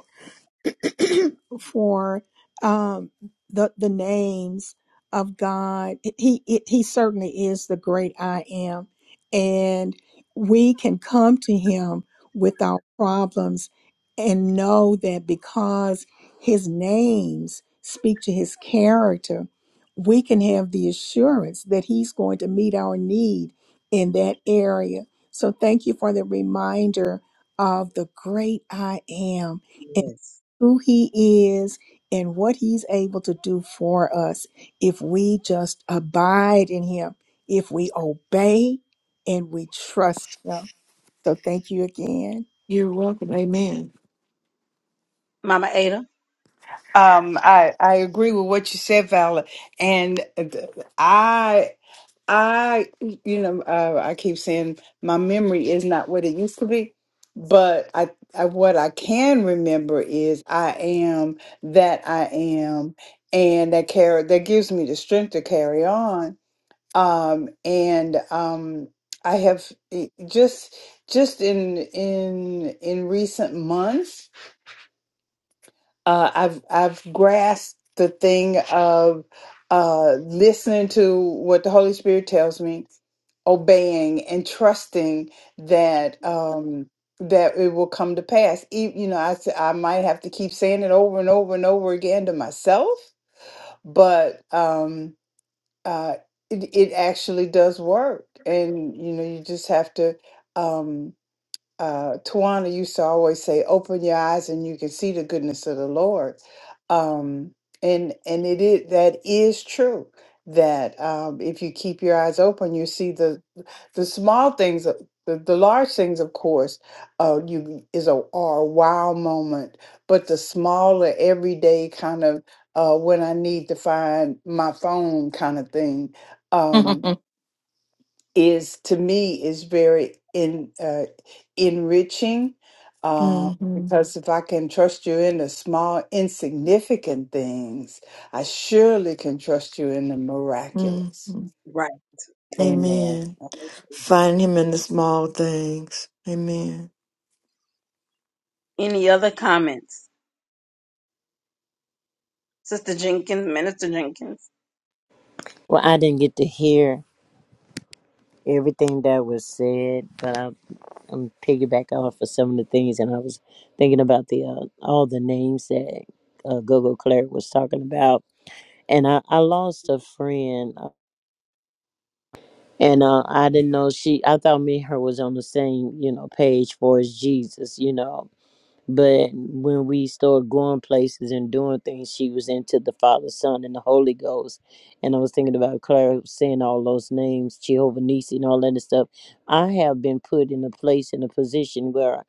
Speaker 2: for um, the the names of God. He it, he certainly is the great I am, and we can come to Him with our problems and know that because His names speak to His character, we can have the assurance that He's going to meet our need in that area. So thank you for the reminder of the great I am
Speaker 4: Yes.
Speaker 2: who he is and what he's able to do for us if we just abide in him, if we obey and we trust him. So thank you again.
Speaker 7: You're welcome. Amen.
Speaker 4: Mama Ada.
Speaker 1: Um, I, I agree with what you said, Vala. And uh, I I, you know, uh, I keep saying my memory is not what it used to be, but I, I, what I can remember is I am that I am, and that carry that gives me the strength to carry on. Um, and um, I have eh, just just in in in recent months uh, I've I've grasped the thing of uh, listening to what the Holy Spirit tells me, obeying and trusting that um, that it will come to pass. E- You know, I s- I might have to keep saying it over and over and over again to myself, but um, uh, it it actually does work, and you know, you just have to. Um, uh, Tawana used to always say, "Open your eyes and you can see the goodness of the Lord," um, and and it is that is true. That um, if you keep your eyes open, you see the the small things. uh, The, the large things, of course, uh, you is a are a wow moment, but the smaller everyday kind of uh, when I need to find my phone kind of thing, um, is to me is very in uh, enriching uh,
Speaker 7: hmm hmm
Speaker 1: because if I can trust you in the small insignificant things, I surely can trust you in the miraculous.
Speaker 4: Right.
Speaker 1: Amen.
Speaker 7: Amen. Find him in the small things. Amen.
Speaker 4: Any other comments? Sister Jenkins, Minister Jenkins.
Speaker 10: Well, I didn't get to hear everything that was said, but I, I'm piggyback off of some of the things, and I was thinking about the uh, all the names that uh, Gogo Claire was talking about, and I, I lost a friend, uh, and uh, I didn't know she. I thought me and her was on the same you know page for as Jesus, you know, But when we started going places and doing things, she was into the Father, Son, and the Holy Ghost. And I was thinking about Claire saying all those names, Jehovah Nisi, and all that and stuff. I have been put in a place in a position where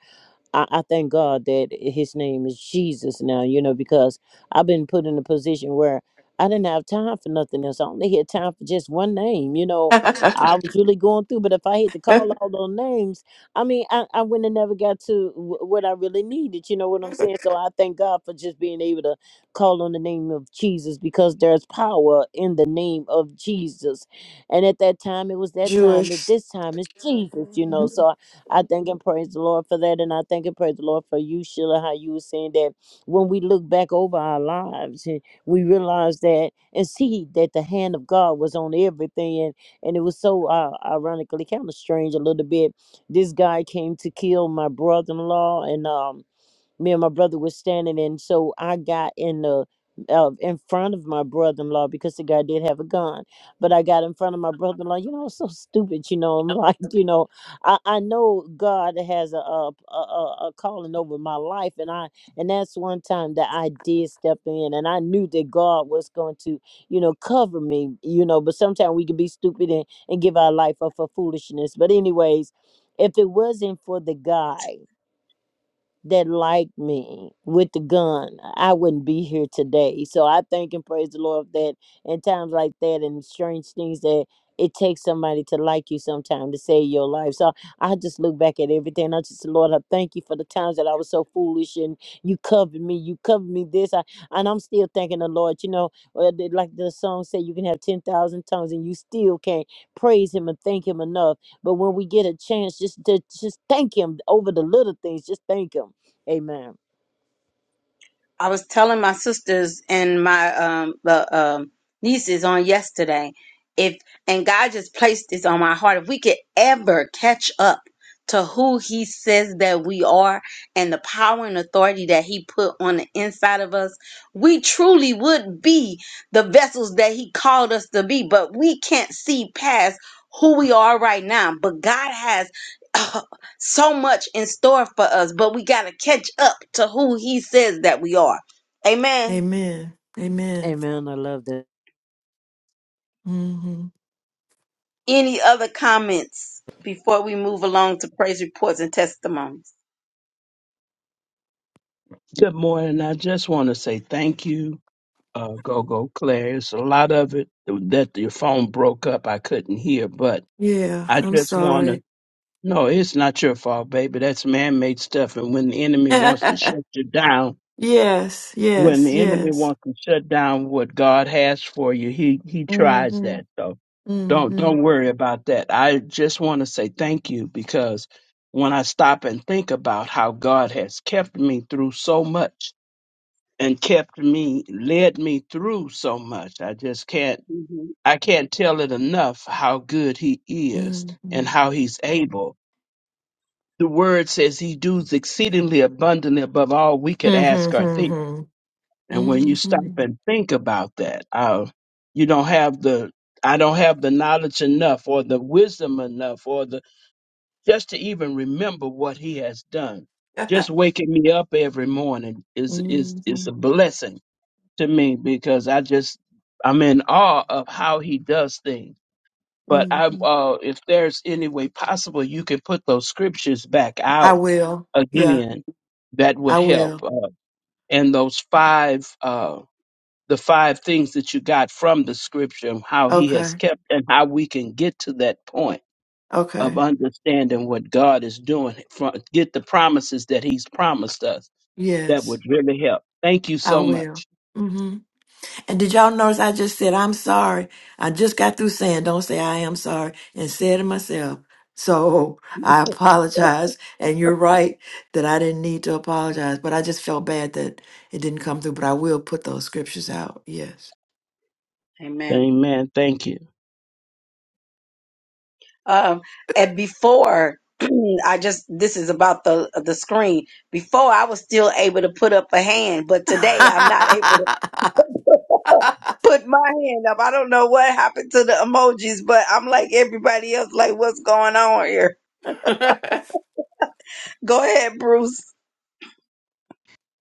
Speaker 10: I, I thank God that his name is Jesus now, you know, because I've been put in a position where I didn't have time for nothing else. I only had time for just one name, you know. I was really going through, but if I had to call all those names, I mean, I, I wouldn't have never got to w- what I really needed, you know what I'm saying? So I thank God for just being able to call on the name of Jesus because there's power in the name of Jesus. And at that time, it was that time, at
Speaker 7: Jewish.
Speaker 10: this time, it's Jesus, you know.
Speaker 7: Mhm.
Speaker 10: So I thank and praise the Lord for that. And I thank and praise the Lord for you, Sheila, how you were saying that when we look back over our lives and we realize that and see that the hand of God was on everything. And, and it was so uh, ironically kind of strange a little bit. This guy came to kill my brother in law. and um me and my brother was standing in so i got in the uh, in front of my brother-in-law because the guy did have a gun but i got in front of my brother-in-law you know I was so stupid you know i'm like you know i, I know god has a, a, a, a a calling over my life and i and that's one time that i did step in and i knew that god was going to you know cover me you know but sometimes we can be stupid and, and give our life up for foolishness but anyways if it wasn't for the guy that like me with the gun, I wouldn't be here today. So I thank and praise the Lord for that. In times like that and strange things that it takes somebody to like you sometime to save your life. So I just look back at everything. I just, Lord, I thank you for the times that I was so foolish and you covered me. You covered me this. I, and I'm still thanking the Lord. You know, uh, the- like the song said, you can have 10,000 tongues and you still can't praise him and thank him enough. But when we get a chance, just to just thank him over the little things, just thank him Amen.
Speaker 4: I was telling my sisters and my um the um nieces on yesterday if and God just placed this on my heart if we could ever catch up to who he says that we are and the power and authority that he put on the inside of us we truly would be the vessels that he called us to be but we can't see past who we are right now but God has so much in store for us, but we got to catch up to who he says that we are. Amen.
Speaker 7: Amen. Amen.
Speaker 10: Amen. I love that.
Speaker 7: hmm
Speaker 4: Any other comments before we move along to praise reports and testimonies?
Speaker 11: Good morning. I just want to say thank you, uh, Gogo Claire. It's a lot of it that your phone broke up. I couldn't hear, but
Speaker 7: Yeah,
Speaker 11: I
Speaker 7: I'm
Speaker 11: just want to.
Speaker 7: sorry.
Speaker 11: No, it's not your fault, baby. That's man made stuff. And when the enemy wants to shut you down,
Speaker 7: yes,
Speaker 11: when
Speaker 7: yes,
Speaker 11: the enemy
Speaker 7: yes.
Speaker 11: wants to shut down what God has for you, he, he tries
Speaker 7: Mm-hmm.
Speaker 11: that. So don't
Speaker 7: Mm-hmm.
Speaker 11: don't worry about that. I just want to say thank you because when I stop and think about how God has kept me through so much, and kept me, led me through so much. I just can't,
Speaker 4: Mhm.
Speaker 11: I can't tell it enough how good he is and
Speaker 7: Mm-hmm.
Speaker 11: how he's able. The word says he does exceedingly abundantly above all we could ask or think.
Speaker 7: Mm-hmm.
Speaker 11: And when you stop
Speaker 7: Mm-hmm.
Speaker 11: and think about that, uh, you don't have the, I don't have the knowledge enough or the wisdom enough or the, just to even remember what he has done. Just waking me up every morning is, is,
Speaker 7: Hmm.
Speaker 11: is a blessing to me because I just I'm in awe of how he does things. But I,
Speaker 7: hmm
Speaker 11: uh, if there's any way possible, you can put those scriptures back
Speaker 7: I
Speaker 11: out
Speaker 7: will. Yeah,
Speaker 11: again. That would
Speaker 7: I
Speaker 11: help.
Speaker 7: will.
Speaker 11: Uh, and those five, uh, the five things that you got from the scripture, and how he has
Speaker 7: Okay.
Speaker 11: kept, and how we can get to that point of
Speaker 7: Okay.
Speaker 11: understanding what God is doing. From, get the promises that He's promised us. That
Speaker 7: Yes,
Speaker 11: would really help. Thank you
Speaker 7: I
Speaker 11: so
Speaker 7: will.
Speaker 11: much.
Speaker 7: Mm-hmm. And did y'all notice I just said, I'm sorry? I just got through saying, don't say I am sorry, and said it myself. So I apologize. And you're right that I didn't need to apologize, but I just felt bad that it didn't come through. But I will put those scriptures out. Yes.
Speaker 4: Amen.
Speaker 11: Amen. Thank you.
Speaker 4: Um, and before I just this is about the the screen. Before I was still able to put up a hand, but today I'm not able to put my hand up. I don't know what happened to the emojis, but I'm like everybody else. Like, what's going on here? Go ahead, Bruce.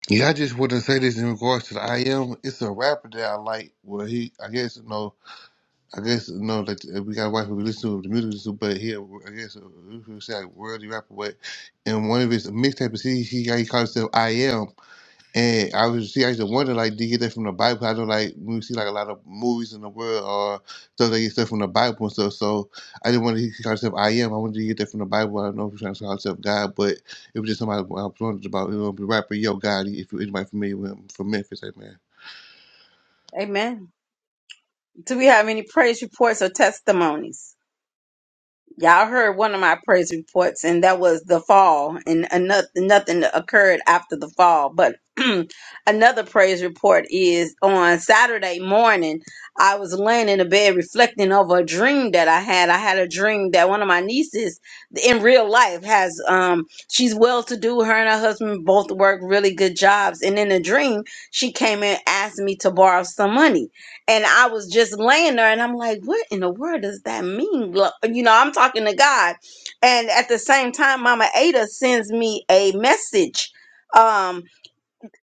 Speaker 9: Yeah, I just want to say this in regards to the I am. It's a rapper that I like. Well, he, I guess, you know. I guess no, like uh, we got white people listen to the music, we listen to, but here I guess uh, we could say like worldly rapper. But in one of his mixtapes, he he, he called himself I Am, and I was see I used to wonder like did he get that from the Bible? I know like when we see like a lot of movies in the world or stuff that get stuff from the Bible and stuff. So I didn't want to he called himself I Am. I wanted to get that from the Bible. I don't know if he's trying to call himself God, but it was just somebody I was wondering about. You know, the rapper Yo Gotti, if you anybody familiar with him from Memphis, hey, man.
Speaker 4: Amen. Do we have any praise reports or testimonies? Y'all heard one of my praise reports, and that was the fall, and another, nothing occurred after the fall. But another praise report is on Saturday morning. I was laying in the bed reflecting over a dream that I had. I had a dream that one of my nieces in real life has, um, she's well to do. Her and her husband both work really good jobs. And in a dream, she came and asked me to borrow some money and I was just laying there and I'm like, what in the world does that mean? Lo- You know, I'm talking to God. And at the same time, Mama Ada sends me a message um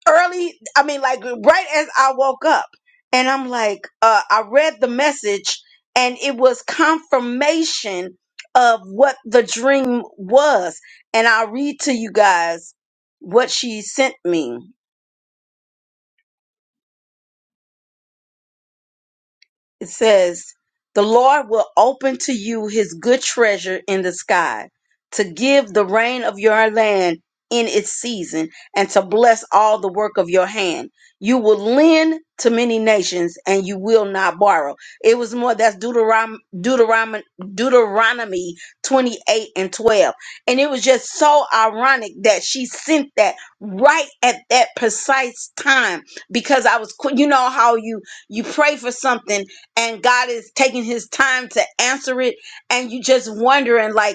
Speaker 4: early, I mean, like right as I woke up. And I'm like, uh, I read the message and it was confirmation of what the dream was. And I'll read to you guys what she sent me. it says, The Lord will open to you his good treasure in the sky, to give the rain of your land in its season, and to bless all the work of your hand. You will lend to many nations, and you will not borrow. It was more that's Deuteronomy, Deuteronomy, Deuteronomy 28 and 12. And it was just so ironic that she sent that right at that precise time because I was, que- you know, how you you pray for something and God is taking his time to answer it and you just wondering like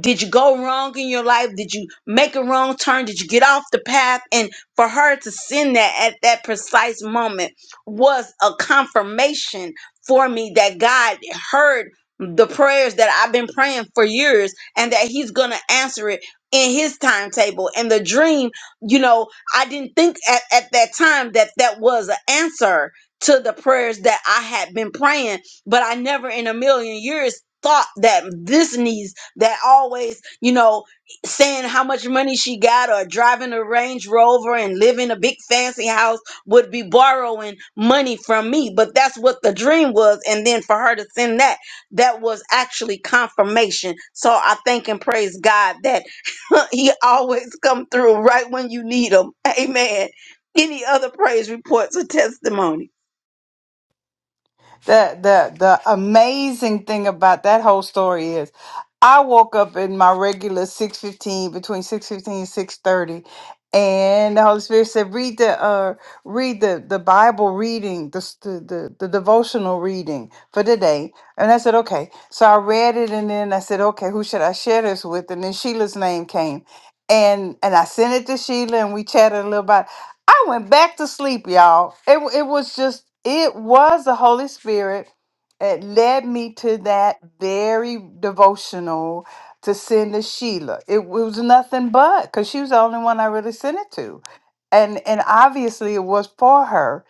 Speaker 4: did you go wrong in your life did you make a wrong turn did you get off the path and for her to send that at that precise moment was a confirmation for me that god heard the prayers that i've been praying for years and that he's gonna answer it in his timetable and the dream you know i didn't think at, at that time that that was an answer to the prayers that i had been praying but i never in a million years thought that this needs that always, you know, saying how much money she got or driving a Range Rover and living a big fancy house would be borrowing money from me. But that's what the dream was. And then for her to send that, that was actually confirmation. So I thank and praise God that he always come through right when you need him. Amen. Any other praise reports or testimony?
Speaker 1: the the the amazing thing about that whole story is I woke up in my regular 615 between 615 and 630 and the Holy Spirit said read the uh read the the Bible reading the s- the the, the devotional reading for today and I said okay so I read it and then I said okay who should I share this with and then Sheila's name came and and I sent it to Sheila and we chatted a little bit I went back to sleep, y'all. It wa- it was just it was the Holy Spirit. It led me to that very devotional to send to Sheila. It, was nothing but because she was the only one I really sent it to, and and obviously it was for her.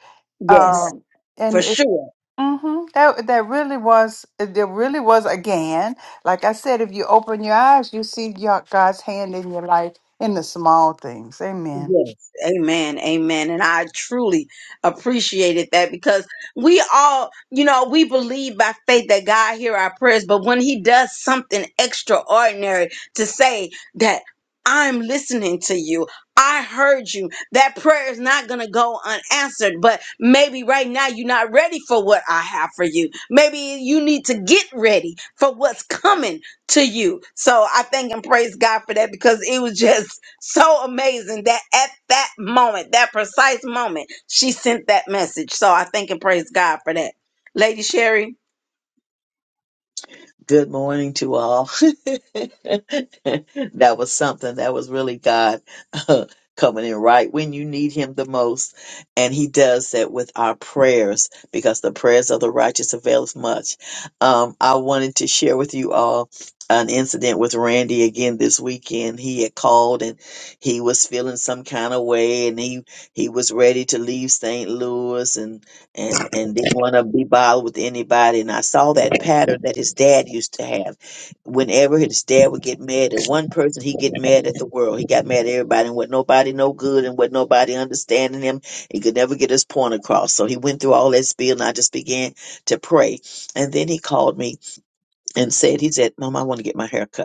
Speaker 1: Right.
Speaker 4: Yes,
Speaker 1: Um,
Speaker 4: for
Speaker 1: and it,
Speaker 4: sure.
Speaker 1: hmm that that really was it it really was again. Like I said, if you open your eyes, you see your- God's hand in your life in the small things. Amen.
Speaker 4: Yes. Amen. Amen. And I truly appreciated that because we all, you know, we believe by faith that God hear our prayers, but when he does something extraordinary to say that I'm listening to you. I heard you. That prayer is not going to go unanswered, but maybe right now you're not ready for what I have for you. Maybe you need to get ready for what's coming to you. So I thank and praise God for that because it was just so amazing that at that moment, that precise moment, she sent that message. So I thank and praise God for that. Lady Sherry.
Speaker 8: Good morning to all. that was something. That was really God coming in right when you need Him the most. And He does that with our prayers because the prayers of the righteous availeth much. Um, I wanted to share with you all an incident with Randy again this weekend. He had called and he was feeling some kind of way and he, he was ready to leave St. Louis and and and didn't want to be bothered with anybody. And I saw that pattern that his dad used to have. Whenever his dad would get mad at one person, he get mad at the world. He got mad at everybody and what nobody no good and what nobody understanding him. He could never get his point across. So he went through all that spiel, and I just began to pray. And then he called me and said, he said, "Mom, I want to get my hair cut."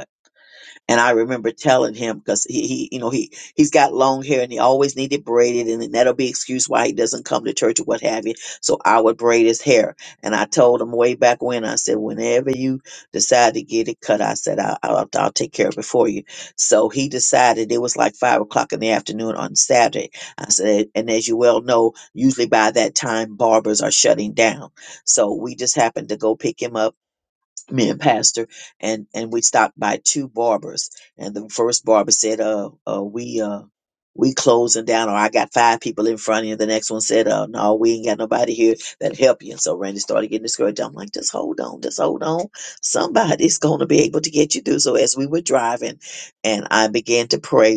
Speaker 8: And I remember telling him because he, he, you know, he he's got long hair and he always needed braided, and then that'll be excuse why he doesn't come to church or what have you. So I would braid his hair, and I told him way back when I said, whenever you decide to get it cut, I said I, I'll I'll take care of it for you. So he decided it was like five o'clock in the afternoon on Saturday. I said, and as you well know, usually by that time barbers are shutting down. So we just happened to go pick him up me and pastor and and we stopped by two barbers and the first barber said uh uh we uh we closing down or i got five people in front of you the next one said uh no we ain't got nobody here that help you and so randy started getting discouraged i'm like just hold on just hold on somebody's gonna be able to get you through so as we were driving and i began to pray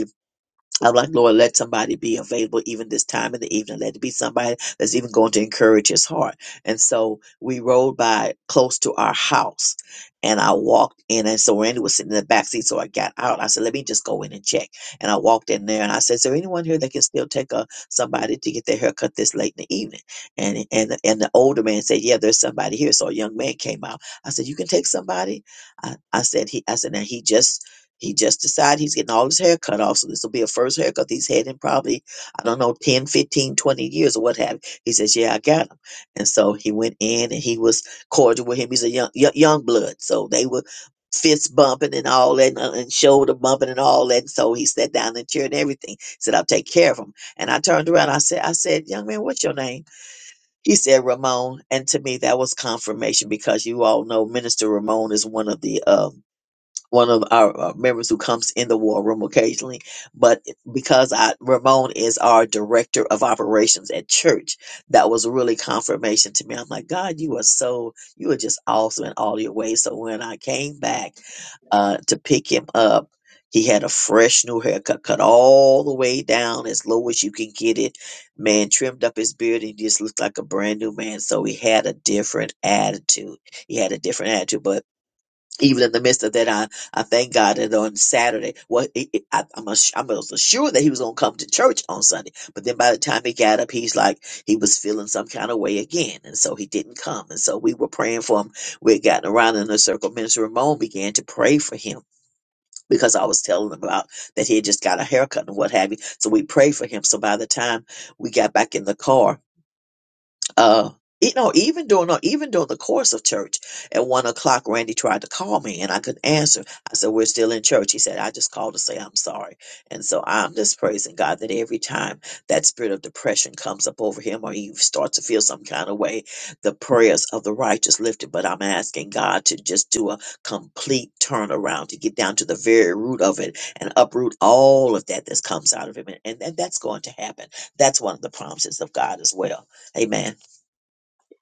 Speaker 8: I'm like, Lord, let somebody be available even this time in the evening. Let it be somebody that's even going to encourage his heart. And so we rode by close to our house and I walked in. And so Randy was sitting in the back seat. So I got out. I said, let me just go in and check. And I walked in there and I said, is there anyone here that can still take a, somebody to get their hair cut this late in the evening? And, and, and the older man said, yeah, there's somebody here. So a young man came out. I said, you can take somebody. I, I said, he, I said, now he just he just decided he's getting all his hair cut off. So this will be a first haircut he's had in probably, I don't know, 10, 15, 20 years or what have you. He says, Yeah, I got him. And so he went in and he was cordial with him. He's a young, young, young blood. So they were fist bumping and all that and, uh, and shoulder bumping and all that. And so he sat down in the chair and everything. He said, I'll take care of him. And I turned around. I said, I said, young man, what's your name? He said, Ramon. And to me, that was confirmation because you all know Minister Ramon is one of the, um, one of our uh, members who comes in the war room occasionally, but because I Ramon is our director of operations at church, that was really confirmation to me. I'm like, God, you are so you are just awesome in all your ways. So when I came back uh, to pick him up, he had a fresh new haircut, cut all the way down as low as you can get it. Man trimmed up his beard and he just looked like a brand new man. So he had a different attitude. He had a different attitude, but even in the midst of that, I, I thank God that on Saturday, well, it, it- I, I'm ass- I was assured that he was going to come to church on Sunday. But then by the time he got up, he's like, he was feeling some kind of way again. And so he didn't come. And so we were praying for him. We had gotten around in a circle. Minister Ramon began to pray for him because I was telling him about that he had just got a haircut and what have you. So we prayed for him. So by the time we got back in the car, uh you know even during no, even during the course of church at one o'clock randy tried to call me and i couldn't answer i said we're still in church he said i just called to say i'm sorry and so i'm just praising god that every time that spirit of depression comes up over him or he starts to feel some kind of way the prayers of the righteous lifted but i'm asking god to just do a complete turnaround to get down to the very root of it and uproot all of that that comes out of him and, and, and that's going to happen that's one of the promises of god as well amen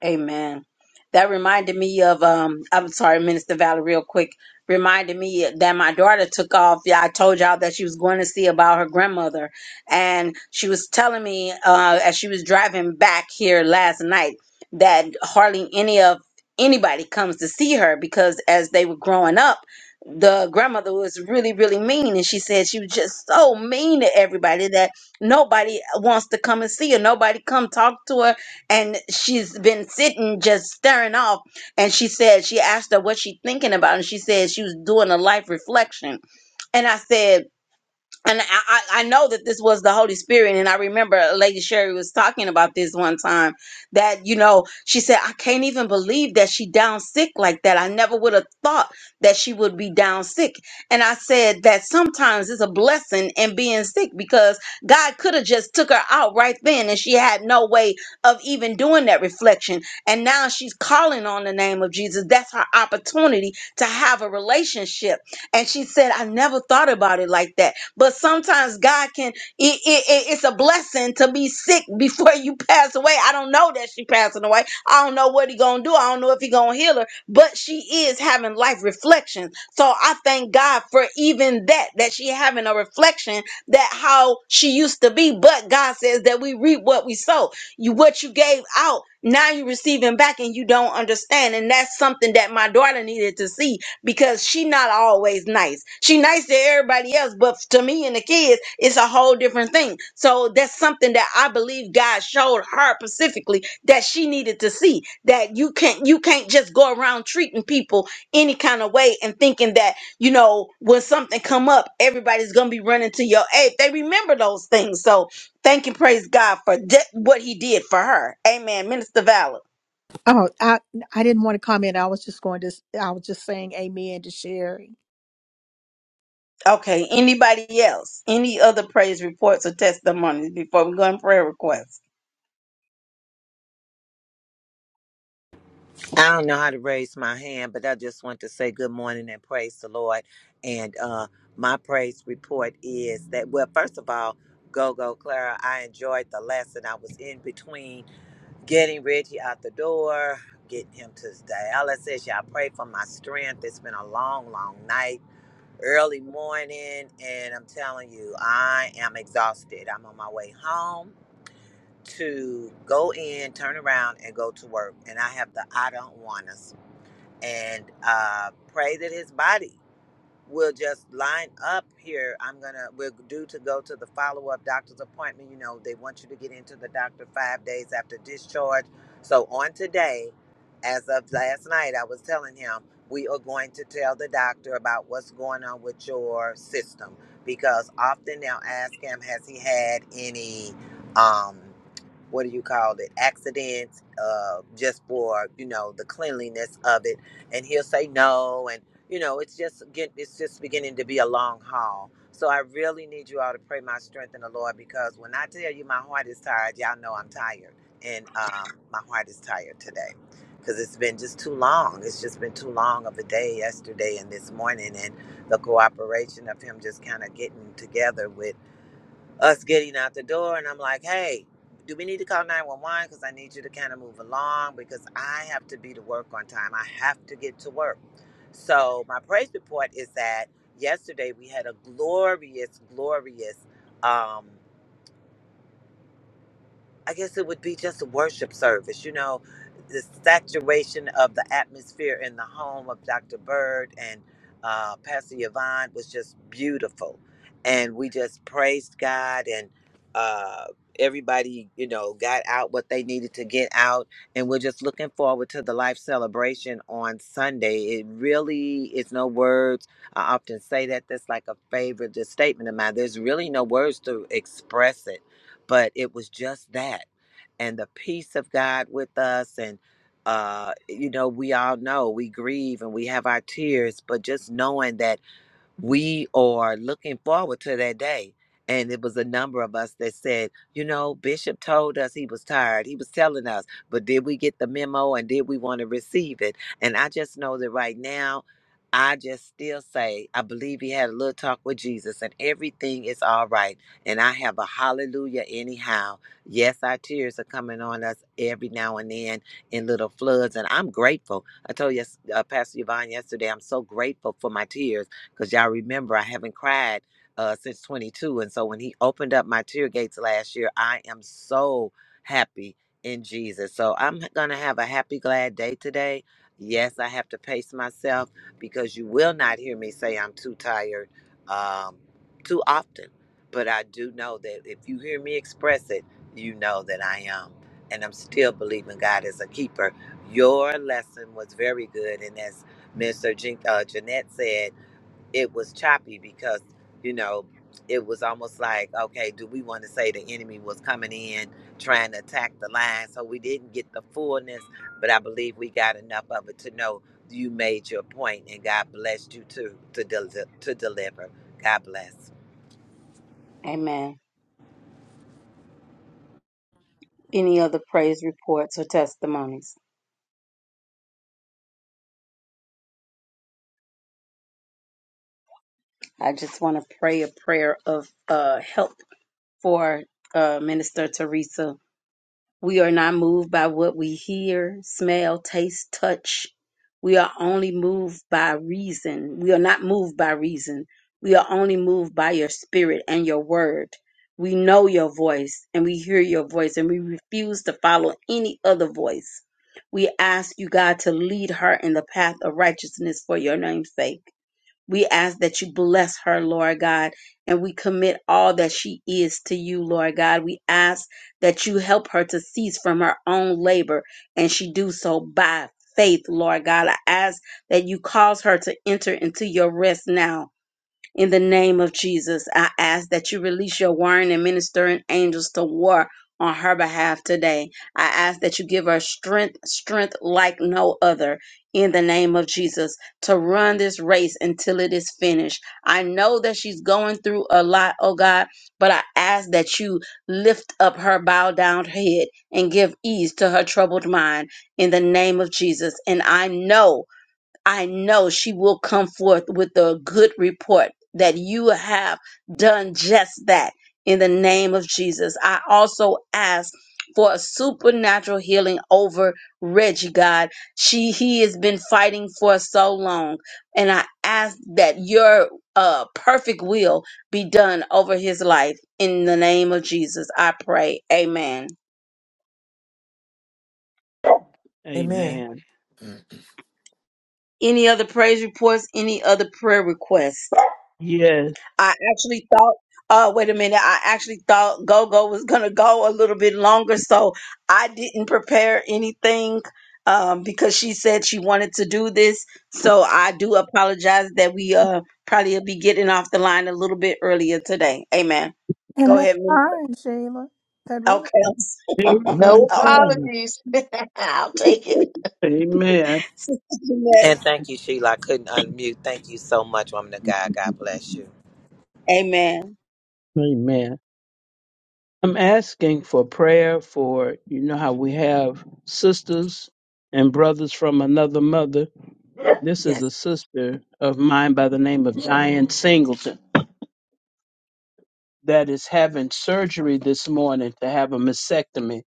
Speaker 4: Amen. That reminded me of um I'm sorry, Minister Valerie, real quick. Reminded me that my daughter took off. Yeah, I told y'all that she was going to see about her grandmother. And she was telling me uh as she was driving back here last night that hardly any of anybody comes to see her because as they were growing up, the grandmother was really, really mean. And she said she was just so mean to everybody that nobody wants to come and see her. Nobody come talk to her and she's been sitting just staring off and she said she asked her what she thinking about and she said she was doing a life reflection and i said and I, I I know that this was the Holy Spirit, and I remember Lady Sherry was talking about this one time that you know she said I can't even believe that she down sick like that. I never would have thought that she would be down sick, and I said that sometimes it's a blessing in being sick because God could have just took her out right then, and she had no way of even doing that reflection. And now she's calling on the name of Jesus. That's her opportunity to have a relationship. And she said I never thought about it like that. But sometimes God can, it, it, it- it's a blessing to be sick before you pass away. I don't know that she passing away. I don't know what he going to do. I don't know if he going to heal her, but she is having life reflections. So I thank God for even that, that she having a reflection that how she used to be. But God says that we reap what we sow you what you gave out now you receiving back and you don't understand and that's something that my daughter needed to see because she not always nice. She nice to everybody else, but to me and the kids, it's a whole different thing. So that's something that I believe God showed her specifically that she needed to see that you can't you can't just go around treating people any kind of way and thinking that you know when something come up, everybody's gonna be running to your aid. They remember those things. So thank and praise God for that, what He did for her. Amen. Minister Valor.
Speaker 2: Oh, I I didn't want to comment. I was just going to I was just saying amen to Sherry.
Speaker 4: Okay, anybody else? Any other praise reports or testimonies before we go in prayer requests?
Speaker 6: I don't know how to raise my hand, but I just want to say good morning and praise the Lord. And uh, my praise report is that, well, first of all, go, go, Clara. I enjoyed the lesson. I was in between getting Reggie out the door, getting him to his dialysis. Y'all pray for my strength. It's been a long, long night, early morning. And I'm telling you, I am exhausted. I'm on my way home to go in, turn around, and go to work. And I have the I don't want us. And uh, pray that his body we'll just line up here. I'm gonna we're due to go to the follow up doctor's appointment. You know, they want you to get into the doctor five days after discharge. So on today, as of last night, I was telling him we are going to tell the doctor about what's going on with your system because often they'll ask him, has he had any um what do you call it accidents uh just for you know the cleanliness of it and he'll say no and you know, it's just get, it's just beginning to be a long haul. So I really need you all to pray my strength in the Lord because when I tell you my heart is tired, y'all know I'm tired, and um, my heart is tired today because it's been just too long. It's just been too long of a day yesterday and this morning, and the cooperation of him just kind of getting together with us getting out the door and I'm like, hey, do we need to call 911? Because I need you to kind of move along because I have to be to work on time. I have to get to work. So, my praise report is that yesterday we had a glorious, glorious um, I guess it would be just a worship service, you know, the saturation of the atmosphere in the home of Dr. Bird and uh, Pastor Yvonne was just beautiful. And we just praised God and uh, everybody, you know, got out what they needed to get out. And we're just looking forward to the life celebration on Sunday. It really is no words. I often say that that's like a favorite just statement of mine. There's really no words to express it but it was just that and the peace of god with us and uh you know we all know we grieve and we have our tears but just knowing that we are looking forward to that day. And it was a number of us that said, you know, Bishop told us he was tired. He was telling us, but did we get the memo and did we want to receive it? And I just know that right now, I just still say, I believe he had a little talk with Jesus and everything is all right. And I have a hallelujah anyhow. Yes, our tears are coming on us every now and then in little floods. And I'm grateful. I told yes, uh, Pastor Yvonne yesterday, I'm so grateful for my tears because y'all remember I haven't cried uh, since 22. And so when he opened up my tear gates last year, I am so happy in Jesus. So I'm going to have a happy, glad day today. Yes, I have to pace myself because you will not hear me say I'm too tired um, too often. But I do know that if you hear me express it, you know that I am. And I'm still believing God is a keeper. Your lesson was very good. And as Mr. Jean, uh, Jeanette said, it was choppy because you know it was almost like okay do we want to say the enemy was coming in trying to attack the line so we didn't get the fullness but i believe we got enough of it to know you made your point and god blessed you too to, del- to deliver god bless
Speaker 4: Amen. Any other praise reports or testimonies? I just want to pray a prayer of uh, help for uh, Minister Teresa We are not moved by what we hear, smell, taste, touch. We are only moved by reason. We are not moved by reason. We are only moved by your spirit and your word. We know your voice and we hear your voice and we refuse to follow any other voice. We ask you, God, to lead her in the path of righteousness for your name's sake. We ask that you bless her, Lord God, and we commit all that she is to you, Lord God. We ask that you help her to cease from her own labor, and she do so by faith, Lord God. I ask that you cause her to enter into your rest now in the name of Jesus, I ask that you release your warring and ministering angels to war on her behalf today. I ask that you give her strength, strength like no other. In the name of Jesus, to run this race until it is finished. I know that she's going through a lot, oh God, but I ask that you lift up her bowed down head and give ease to her troubled mind in the name of Jesus. And I know I know she will come forth with a good report that you have done just that in the name of Jesus. I also ask for a supernatural healing over Reggie God. She he has been fighting for so long and I ask that your uh perfect will be done over his life in the name of Jesus. I pray. Amen.
Speaker 7: Amen.
Speaker 11: Amen.
Speaker 7: Mm.
Speaker 4: Any other praise reports, any other prayer requests?
Speaker 11: Yes.
Speaker 4: I actually thought, uh, wait a minute, I actually thought Go Go was gonna go a little bit longer, so I didn't prepare anything um, because she said she wanted to do this. So I do apologize that we uh probably will be getting off the line a little bit earlier today. Amen.
Speaker 2: And
Speaker 4: Go
Speaker 2: that's
Speaker 4: ahead. Min-
Speaker 2: fine, Sheila. That really
Speaker 4: Okay. All
Speaker 11: Everything
Speaker 8: No
Speaker 4: right.
Speaker 11: fine.
Speaker 8: apologies. I'll take it.
Speaker 11: Amen.
Speaker 4: Sister Jeanette.
Speaker 6: and thank you sheila i couldn't unmute thank you so much woman of god god bless you
Speaker 4: Amen.
Speaker 11: Amen. I'm asking for prayer for, you know, how we have sisters and brothers from another mother. This is
Speaker 4: Yes.
Speaker 11: a sister of mine by the name of Diane Singleton that is having surgery this morning to have a mastectomy.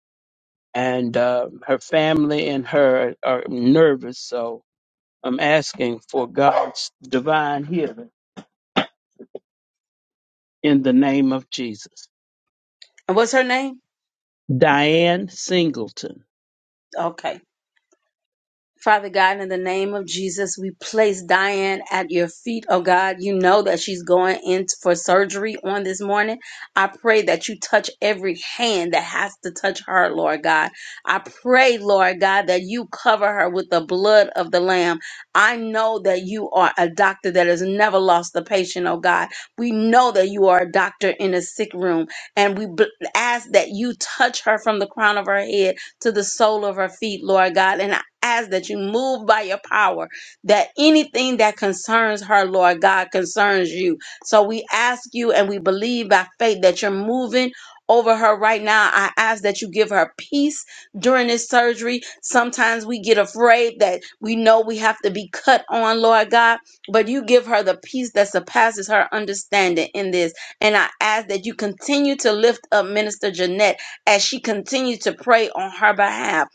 Speaker 11: And uh, her family and her are nervous. So I'm asking for God's divine healing in the name of Jesus.
Speaker 4: And what's her name?
Speaker 11: Diane Singleton.
Speaker 4: Okay. Father God, in the name of Jesus, we place Diane at your feet. Oh God, you know that she's going in for surgery on this morning. I pray that you touch every hand that has to touch her, Lord God. I pray, Lord God, that you cover her with the blood of the Lamb. I know that you are a doctor that has never lost a patient, oh God. We know that you are a doctor in a sick room, and we bl- ask that you touch her from the crown of her head to the sole of her feet, Lord God. And ask that you move by your power, that anything that concerns her, Lord God, concerns you. So we ask you and we believe by faith that you're moving over her right now. I ask that you give her peace during this surgery. Sometimes we get afraid that we know we have to be cut on, Lord God, but you give her the peace that surpasses her understanding in this. And I ask that you continue to lift up Minister Jeanette as she continues to pray on her behalf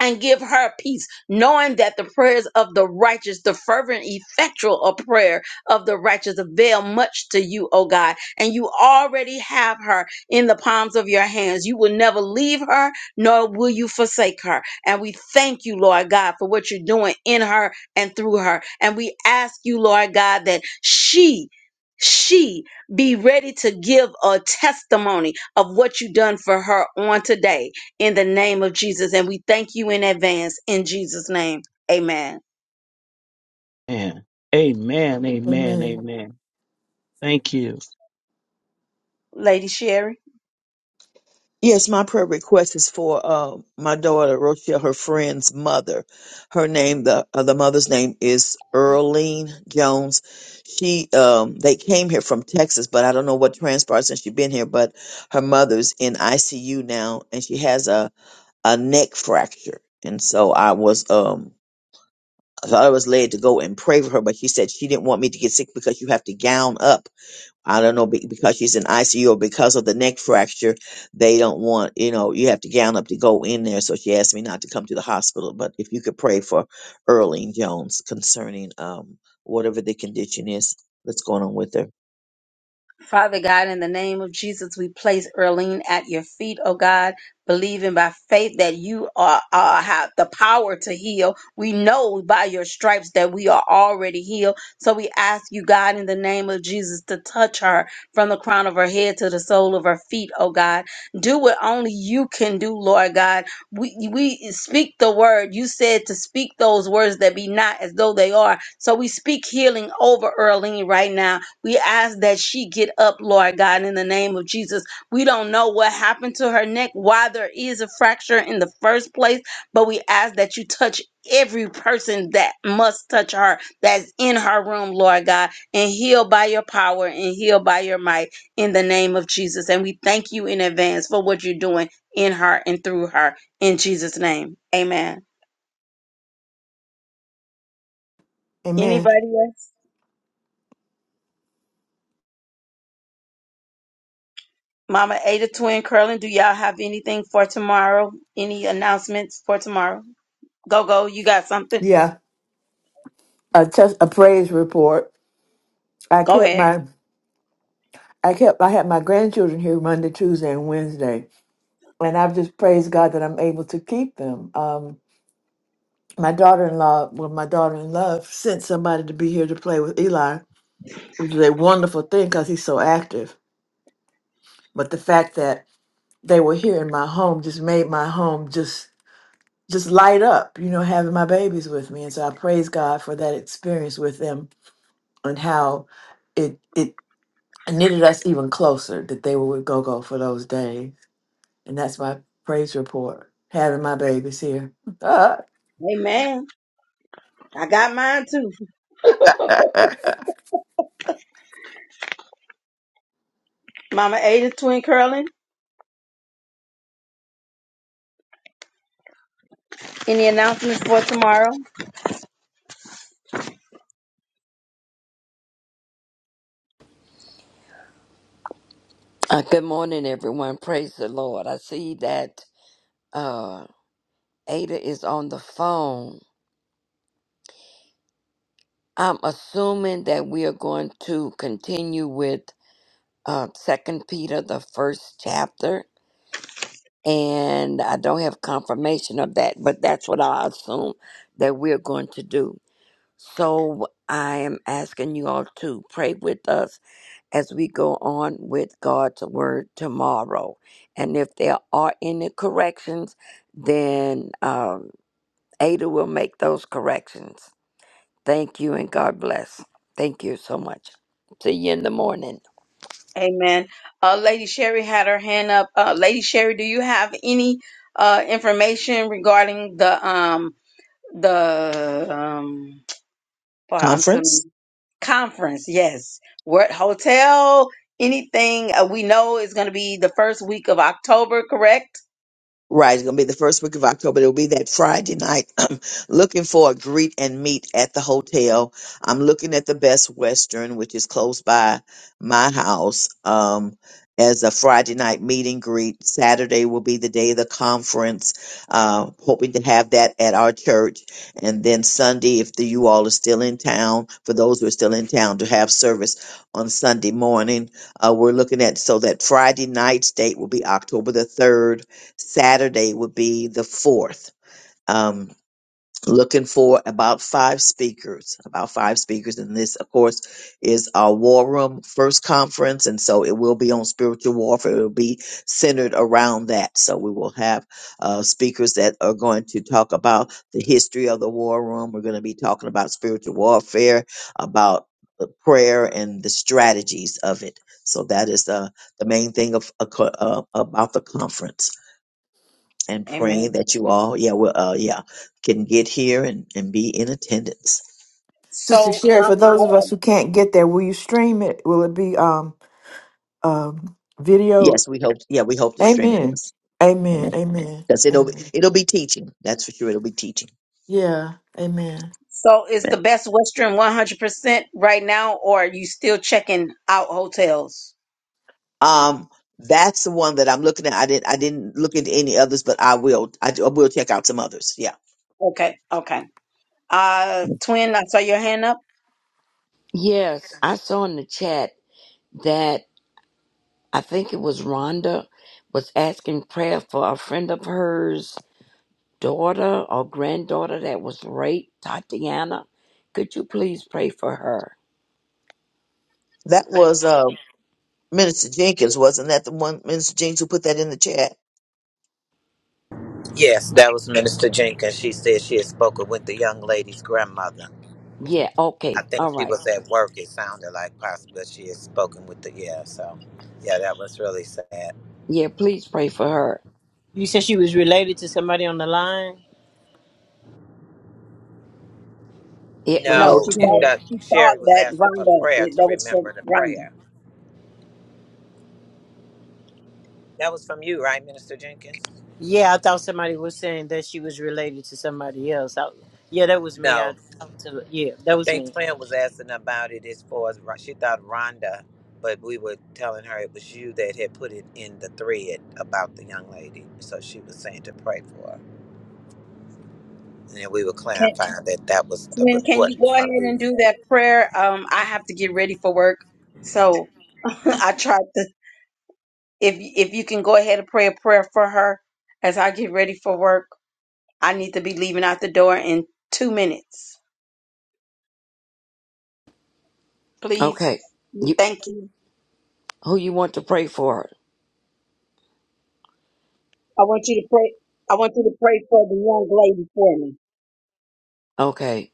Speaker 4: and give her peace, knowing that the prayers of the righteous, the fervent, effectual of prayer of the righteous, avail much to you, O God. And you already have her in the palms of your hands. You will never leave her, nor will you forsake her. And we thank you, Lord God, for what you're doing in her and through her. And we ask you, Lord God, that she she be ready to give a testimony of what you done for her on today in the name of Jesus. And we thank you in advance in Jesus' name. Amen.
Speaker 11: Amen. Amen. Amen.
Speaker 7: Amen.
Speaker 11: Amen. Thank you.
Speaker 4: Lady Sherry.
Speaker 8: Yes, my prayer request is for uh, my daughter Rochelle, her friend's mother. Her name, the uh, the mother's name is Earlene Jones. She, um, they came here from Texas, but I don't know what transpired since she's been here. But her mother's in ICU now, and she has a a neck fracture. And so I was, um, I thought I was led to go and pray for her, but she said she didn't want me to get sick because you have to gown up. I don't know be- because she's in ICU or because of the neck fracture, they don't want you know you have to gown up to go in there. So she asked me not to come to the hospital, but if you could pray for Earlene Jones concerning um whatever the condition is that's going on with her
Speaker 4: Father God, in the name of Jesus, we place Earlene at your feet, oh God, believing by faith that you are, are have the power to heal. We know by your stripes that we are already healed. So we ask you, God, in the name of Jesus, to touch her from the crown of her head to the sole of her feet, oh God. Do what only you can do, Lord God. We we speak the word. You said to speak those words that be not as though they are. So we speak healing over Earlene right now we ask that she get up, Lord God, in the name of Jesus. We don't know what happened to her neck, why there is a fracture in the first place, but we ask that you touch every person that must touch her that's in her room, Lord God, and heal by your power and heal by your might in the name of Jesus. And we thank you in advance for what you're doing in her and through her in Jesus' name. Amen.
Speaker 7: Amen.
Speaker 4: Anybody else? Mama Ada Twin Curling, do y'all have anything for tomorrow? Any announcements for tomorrow? Go, go. You got something?
Speaker 7: Yeah. A, test, a praise report. I
Speaker 4: Go
Speaker 7: kept
Speaker 4: ahead.
Speaker 7: my, I kept, I had my grandchildren here Monday, Tuesday, and Wednesday and I've just praised God that I'm able to keep them. Um, my daughter-in-law, well, my daughter-in-law sent somebody to be here to play with Eli, which is a wonderful thing because he's so active. But the fact that they were here in my home just made my home just just light up, you know, having my babies with me. And so I praise God for that experience with them and how it it knitted us even closer that they were with GoGo for those days. And that's my praise report, having my babies here.
Speaker 4: Amen. I got mine too. Mama Ada Twin Curling, any announcements for tomorrow?
Speaker 12: Uh, good morning, everyone. Praise the Lord. I see that uh, Ada is on the phone. I'm assuming that we are going to continue with uh, Second Peter, the first chapter, and I don't have confirmation of that, but that's what I assume that we're going to do. So I am asking you all to pray with us as we go on with God's word tomorrow. And if there are any corrections, then um, Ada will make those corrections. Thank you and God bless. Thank you so much. See you in the morning.
Speaker 4: Amen. Uh, Lady Sherry had her hand up. Uh, Lady Sherry, do you have any uh, information regarding the um the um for I'm telling
Speaker 8: conference.
Speaker 4: you. Conference, yes. What hotel? Anything uh, we know is going to be the first week of October, correct?
Speaker 8: Right, it's gonna be the first week of October. It'll be that Friday night. I'm looking for a greet and meet at the hotel. I'm looking at the Best Western, which is close by my house, um, as a Friday night meet and greet. Saturday will be the day of the conference. Uh, hoping to have that at our church, and then Sunday, if the, you all are still in town, for those who are still in town, to have service on Sunday morning. Uh, we're looking at so that Friday night's date will be October the third Saturday would be the fourth. Um, looking for about five speakers, about five speakers. And this, of course, is our War Room first conference. And so it will be on spiritual warfare. It will be centered around that. So we will have uh, speakers that are going to talk about the history of the War Room. We're going to be talking about spiritual warfare, about the prayer and the strategies of it. So that is uh, the main thing of, uh, co- uh, about the conference and praying
Speaker 4: Amen.
Speaker 8: that you all, yeah, well, uh, yeah, can get here and, and be in attendance.
Speaker 7: Sister
Speaker 4: So,
Speaker 7: Sherry, for
Speaker 4: um,
Speaker 7: those of us who
Speaker 4: um,
Speaker 7: can't get there, will you stream it? Will it be um um video?
Speaker 8: Yes, we hope. Yeah, we hope to stream it.
Speaker 7: Amen.
Speaker 8: Yes,
Speaker 7: Amen.
Speaker 8: amen.
Speaker 7: Amen.
Speaker 8: Because it'll
Speaker 7: Amen.
Speaker 8: it'll be teaching. That's for sure. It'll be teaching.
Speaker 7: Yeah. Amen.
Speaker 4: so is
Speaker 8: Amen.
Speaker 4: the Best Western 100% right now, or are you still checking out hotels?
Speaker 8: Um, that's the one that I'm looking at. I didn't I didn't look into any others, but I will. I, do- I will check out some others. Yeah,
Speaker 4: Okay, okay. Uh, twin, I saw your hand up.
Speaker 12: Yes, I saw in the chat that I think it was Rhonda was asking prayer for a friend of hers daughter or granddaughter that was raped, Tatiana. Could you please pray for her?
Speaker 8: that was uh Minister Jenkins, wasn't that the one Minister Jenkins who put that in the chat?
Speaker 6: yes that was minister jenkins she said she had spoken with the young lady's grandmother
Speaker 12: Yeah,
Speaker 6: I
Speaker 12: okay.
Speaker 6: think
Speaker 12: All
Speaker 6: she
Speaker 12: right.
Speaker 6: was at work. It sounded like possibly she had spoken with the yeah. So, yeah, that was really sad.
Speaker 12: Yeah, please pray for her.
Speaker 10: You said she was related to somebody on the line?
Speaker 12: Yeah, it
Speaker 4: No,
Speaker 8: No
Speaker 12: was-
Speaker 6: No,
Speaker 4: she
Speaker 6: it-
Speaker 4: thought
Speaker 8: twin.
Speaker 6: that
Speaker 4: she
Speaker 6: Sherry
Speaker 4: thought
Speaker 6: was
Speaker 4: that
Speaker 6: asking for
Speaker 4: Rhonda
Speaker 6: prayer to
Speaker 4: that was for
Speaker 6: remember the
Speaker 4: Rhonda.
Speaker 6: prayer. That was from you, right, Minister Jenkins?
Speaker 10: Yeah, I thought somebody was saying that she was related to somebody else. I, yeah, that was me. I
Speaker 6: No,
Speaker 10: talked to, yeah,
Speaker 6: I
Speaker 10: that was me.
Speaker 6: think Twin was asking about it as far as Ro- she thought Rhonda, but we were telling her it was you that had put it in the thread about the young lady. So she was saying to pray for her, and then we were
Speaker 4: Can,
Speaker 6: clarifying that that was the
Speaker 4: twin, can
Speaker 6: report
Speaker 4: you
Speaker 6: was
Speaker 4: go ahead
Speaker 6: from you.
Speaker 4: and do that prayer? Um, I have to get ready for work, so. I tried to. If if you can go ahead and pray a prayer for her as I get ready for work, I need to be leaving out the door in two minutes, please.
Speaker 12: okay. You
Speaker 4: Thank you.
Speaker 12: who you want to pray for?
Speaker 4: I want you to pray. I want you to pray for the young lady for me.
Speaker 12: Okay,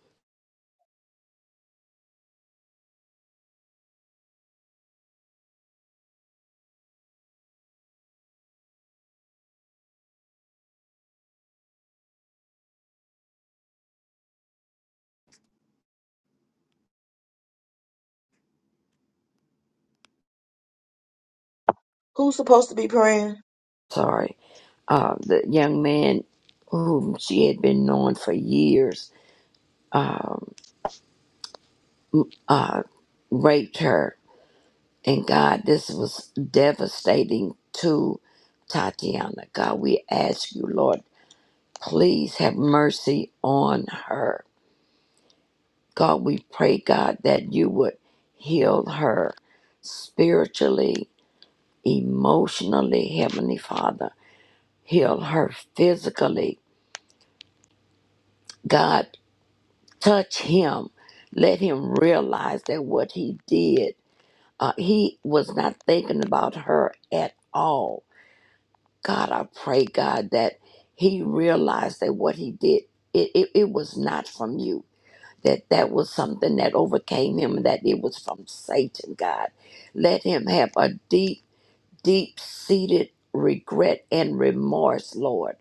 Speaker 8: Who's supposed to be praying?
Speaker 12: sorry. Uh, the young man whom she had been knowing for years uh, raped her, and God, this was devastating to Tatiana. God, we ask you, Lord, please have mercy on her. God, we pray, God, that you would heal her spiritually emotionally, Heavenly Father. Heal her physically. God, touch him. Let him realize that what he did, uh, he was not thinking about her at all. God, I pray, God, that he realized that what he did, it, it, it was not from you. That that was something that overcame him, and that it was from Satan, God. Let him have a deep deep seated regret and remorse, Lord.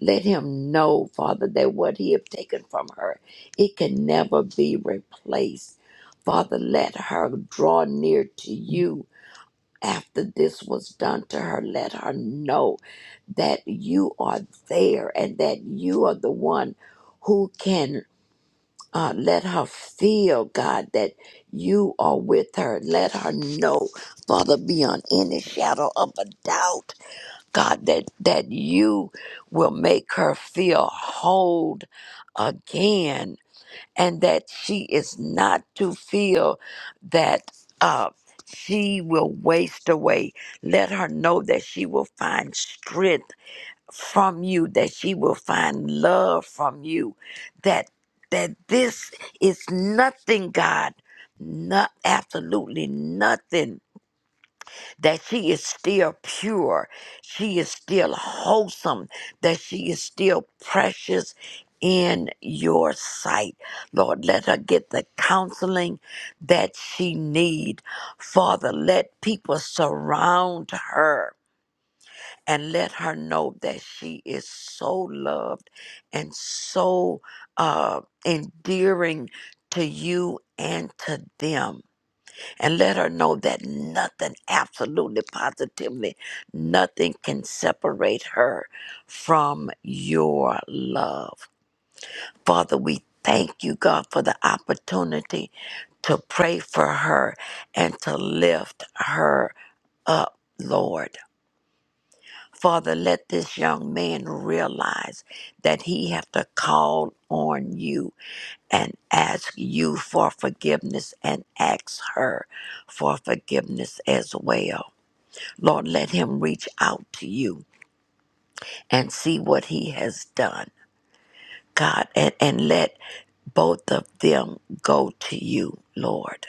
Speaker 12: Let him know, Father, that what he have taken from her, it can never be replaced. Father, let her draw near to you after this was done to her. Let her know that you are there and that you are the one who can uh, let her feel, God, that you are with her. Let her know, Father, beyond any shadow of a doubt God, that, that you will make her feel whole again and that she is not to feel that uh, she will waste away. Let her know that she will find strength from you, that she will find love from you, that that this is nothing, God, not absolutely nothing that she is still pure, she is still wholesome, that she is still precious in your sight. Lord, let her get the counseling that she need. Father, let people surround her and let her know that she is so loved and so uh, endearing to you and to them and let her know that nothing, absolutely positively, nothing can separate her from your love. Father, we thank you, God, for the opportunity to pray for her and to lift her up, Lord. Father, let this young man realize that he have to call on you and ask you for forgiveness and ask her for forgiveness as well. Lord, let him reach out to you and see what he has done, God, and, and let both of them go to you, Lord,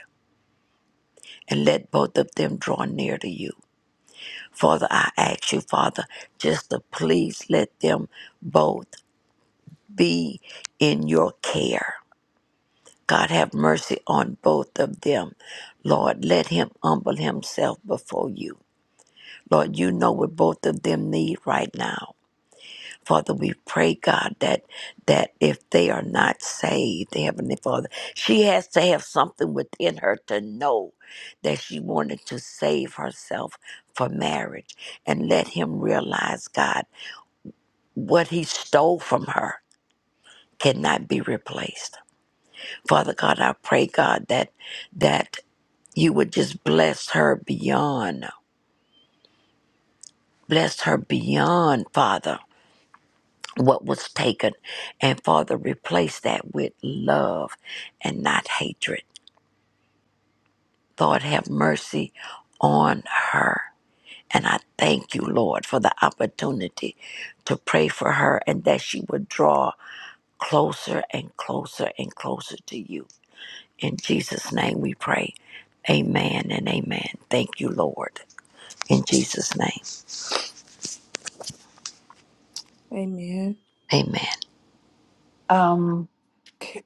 Speaker 12: and let both of them draw near to you. Father, I ask you, Father, just to please let them both. be in your care. God have mercy on both of them. Lord, let him humble himself before you. Lord, you know what both of them need right now. Father, we pray, God, that that if they are not saved, Heavenly Father, she has to have something within her to know that she wanted to save herself for marriage. And let him realize, God, what he stole from her cannot be replaced. Father God, I pray, God, that that you would just bless her beyond, bless her beyond, Father, what was taken, and Father, replace that with love and not hatred. Lord, have mercy on her. And I thank you, Lord, for the opportunity to pray for her and that she would draw closer and closer and closer to you. In Jesus' name we pray. Amen and amen. Thank you, Lord. In Jesus' name,
Speaker 2: Amen.
Speaker 12: amen.
Speaker 1: Um,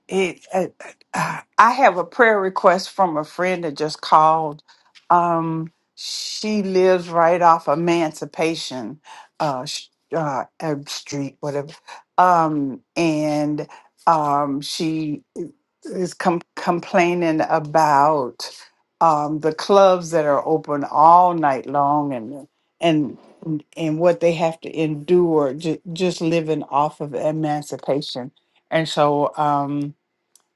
Speaker 1: it, it, I have a prayer request from a friend that just called. Um, she lives right off Emancipation uh, sh- uh, uh, Street, whatever. Um, and um, she is com- complaining about um, the clubs that are open all night long and and and what they have to endure ju- just living off of emancipation and so um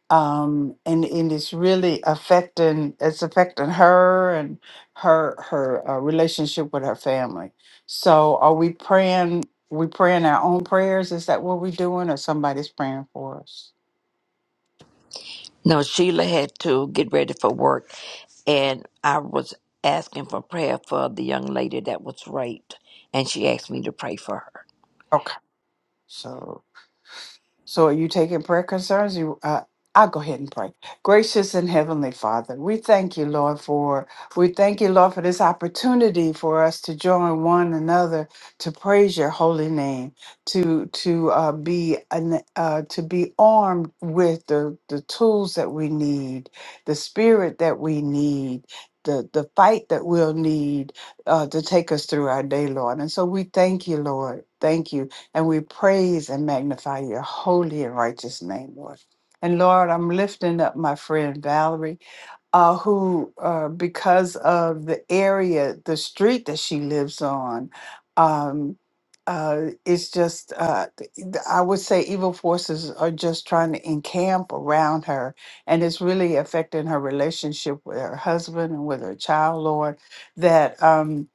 Speaker 1: um and and it's really affecting it's affecting her and her her uh, relationship with her family so are we praying we praying our own prayers is that what we're doing or somebody's praying for us
Speaker 12: No, Sheila had to get ready for work, and I was asking for prayer for the young lady that was raped, and she asked me to pray for her.
Speaker 1: okay so So are you taking prayer concerns? You, uh, I'll go ahead and pray. Gracious and heavenly Father, we thank you, Lord, for we thank you, Lord, for this opportunity for us to join one another to praise your holy name, to to uh, be an, uh, to be armed with the the tools that we need, the spirit that we need. The, the fight that we'll need uh, to take us through our day, Lord. And so we thank you, Lord. Thank you and we praise and magnify your holy and righteous name, Lord. And Lord, I'm lifting up my friend Valerie, uh, who, uh, because of the area, the street that she lives on, um, uh, it's just, uh, th- th- I would say evil forces are just trying to encamp around her. And it's really affecting her relationship with her husband and with her child, Lord, that. Um,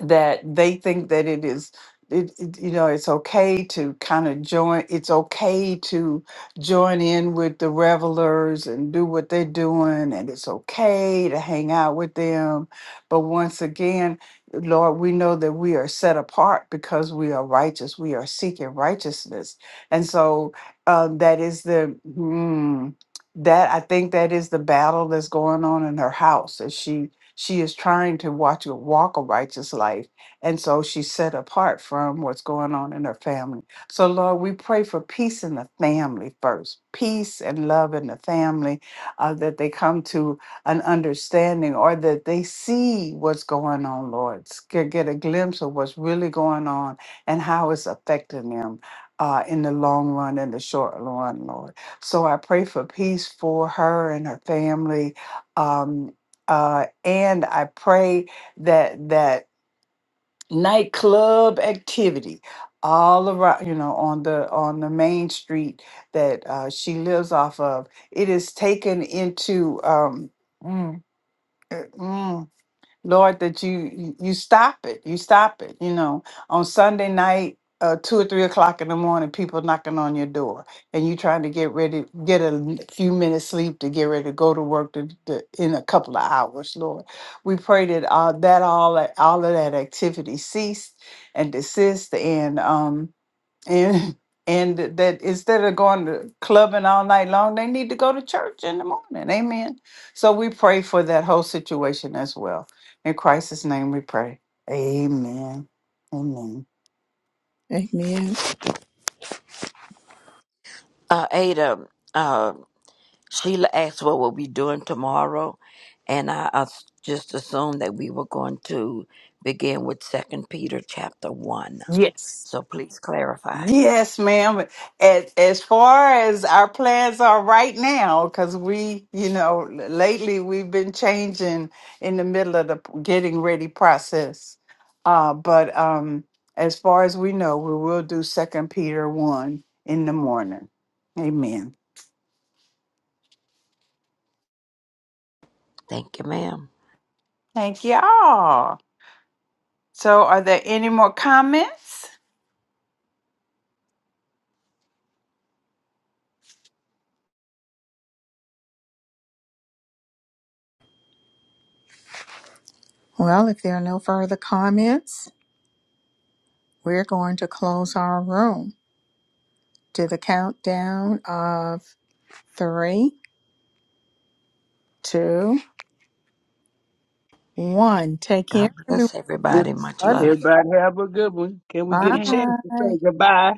Speaker 1: that they think that it is it, it- you know it's okay to kind of join it's okay to join in with the revelers and do what they're doing and it's okay to hang out with them but once again lord we know that we are set apart because we are righteous we are seeking righteousness and so um, that is the hmm, that i think that is the battle that's going on in her house as she she is trying to watch a walk a righteous life. And so she's set apart from what's going on in her family. So, Lord, we pray for peace in the family first, peace and love in the family, uh, that they come to an understanding or that they see what's going on, Lord, get get a glimpse of what's really going on and how it's affecting them uh, in the long run and the short run, Lord. So I pray for peace for her and her family. um, uh, and I pray that that nightclub activity all around you know on the on the main street that uh, she lives off of it is taken into um, mm, eh, mm, Lord, that you you stop it. You stop it. You know, on Sunday night, uh, two or three o'clock in the morning, people knocking on your door, and you trying to get ready, get a n- few minutes sleep to get ready to go to work to, to, in a couple of hours. Lord, we pray that all that all that all of that activity cease and desist, and um, and and that instead of going to clubbing all night long they need to go to church in the morning amen so we pray for that whole situation as well in christ's name we pray amen amen
Speaker 2: Amen.
Speaker 12: Uh, Ada, uh, Sheila asked what we'll be doing tomorrow, and I, I s- just assumed that we were going to begin with Second Peter chapter one.
Speaker 1: Yes.
Speaker 12: So please clarify.
Speaker 1: Yes, ma'am. As as far as our plans are right now, because we, you know, lately we've been changing in the middle of the getting ready process. Uh, but um, as far as we know, we will do Second Peter one in the morning. Amen.
Speaker 12: Thank you, ma'am.
Speaker 1: Thank y'all. So, are there any more comments?
Speaker 2: Well, if there are no further comments, we're going to close our room Do the countdown of three, two, one. Take care,
Speaker 12: God
Speaker 2: everyone.
Speaker 12: bless everybody. Much love.
Speaker 11: Everybody have a good one. Can we get a chance to
Speaker 2: Bye.
Speaker 11: say goodbye?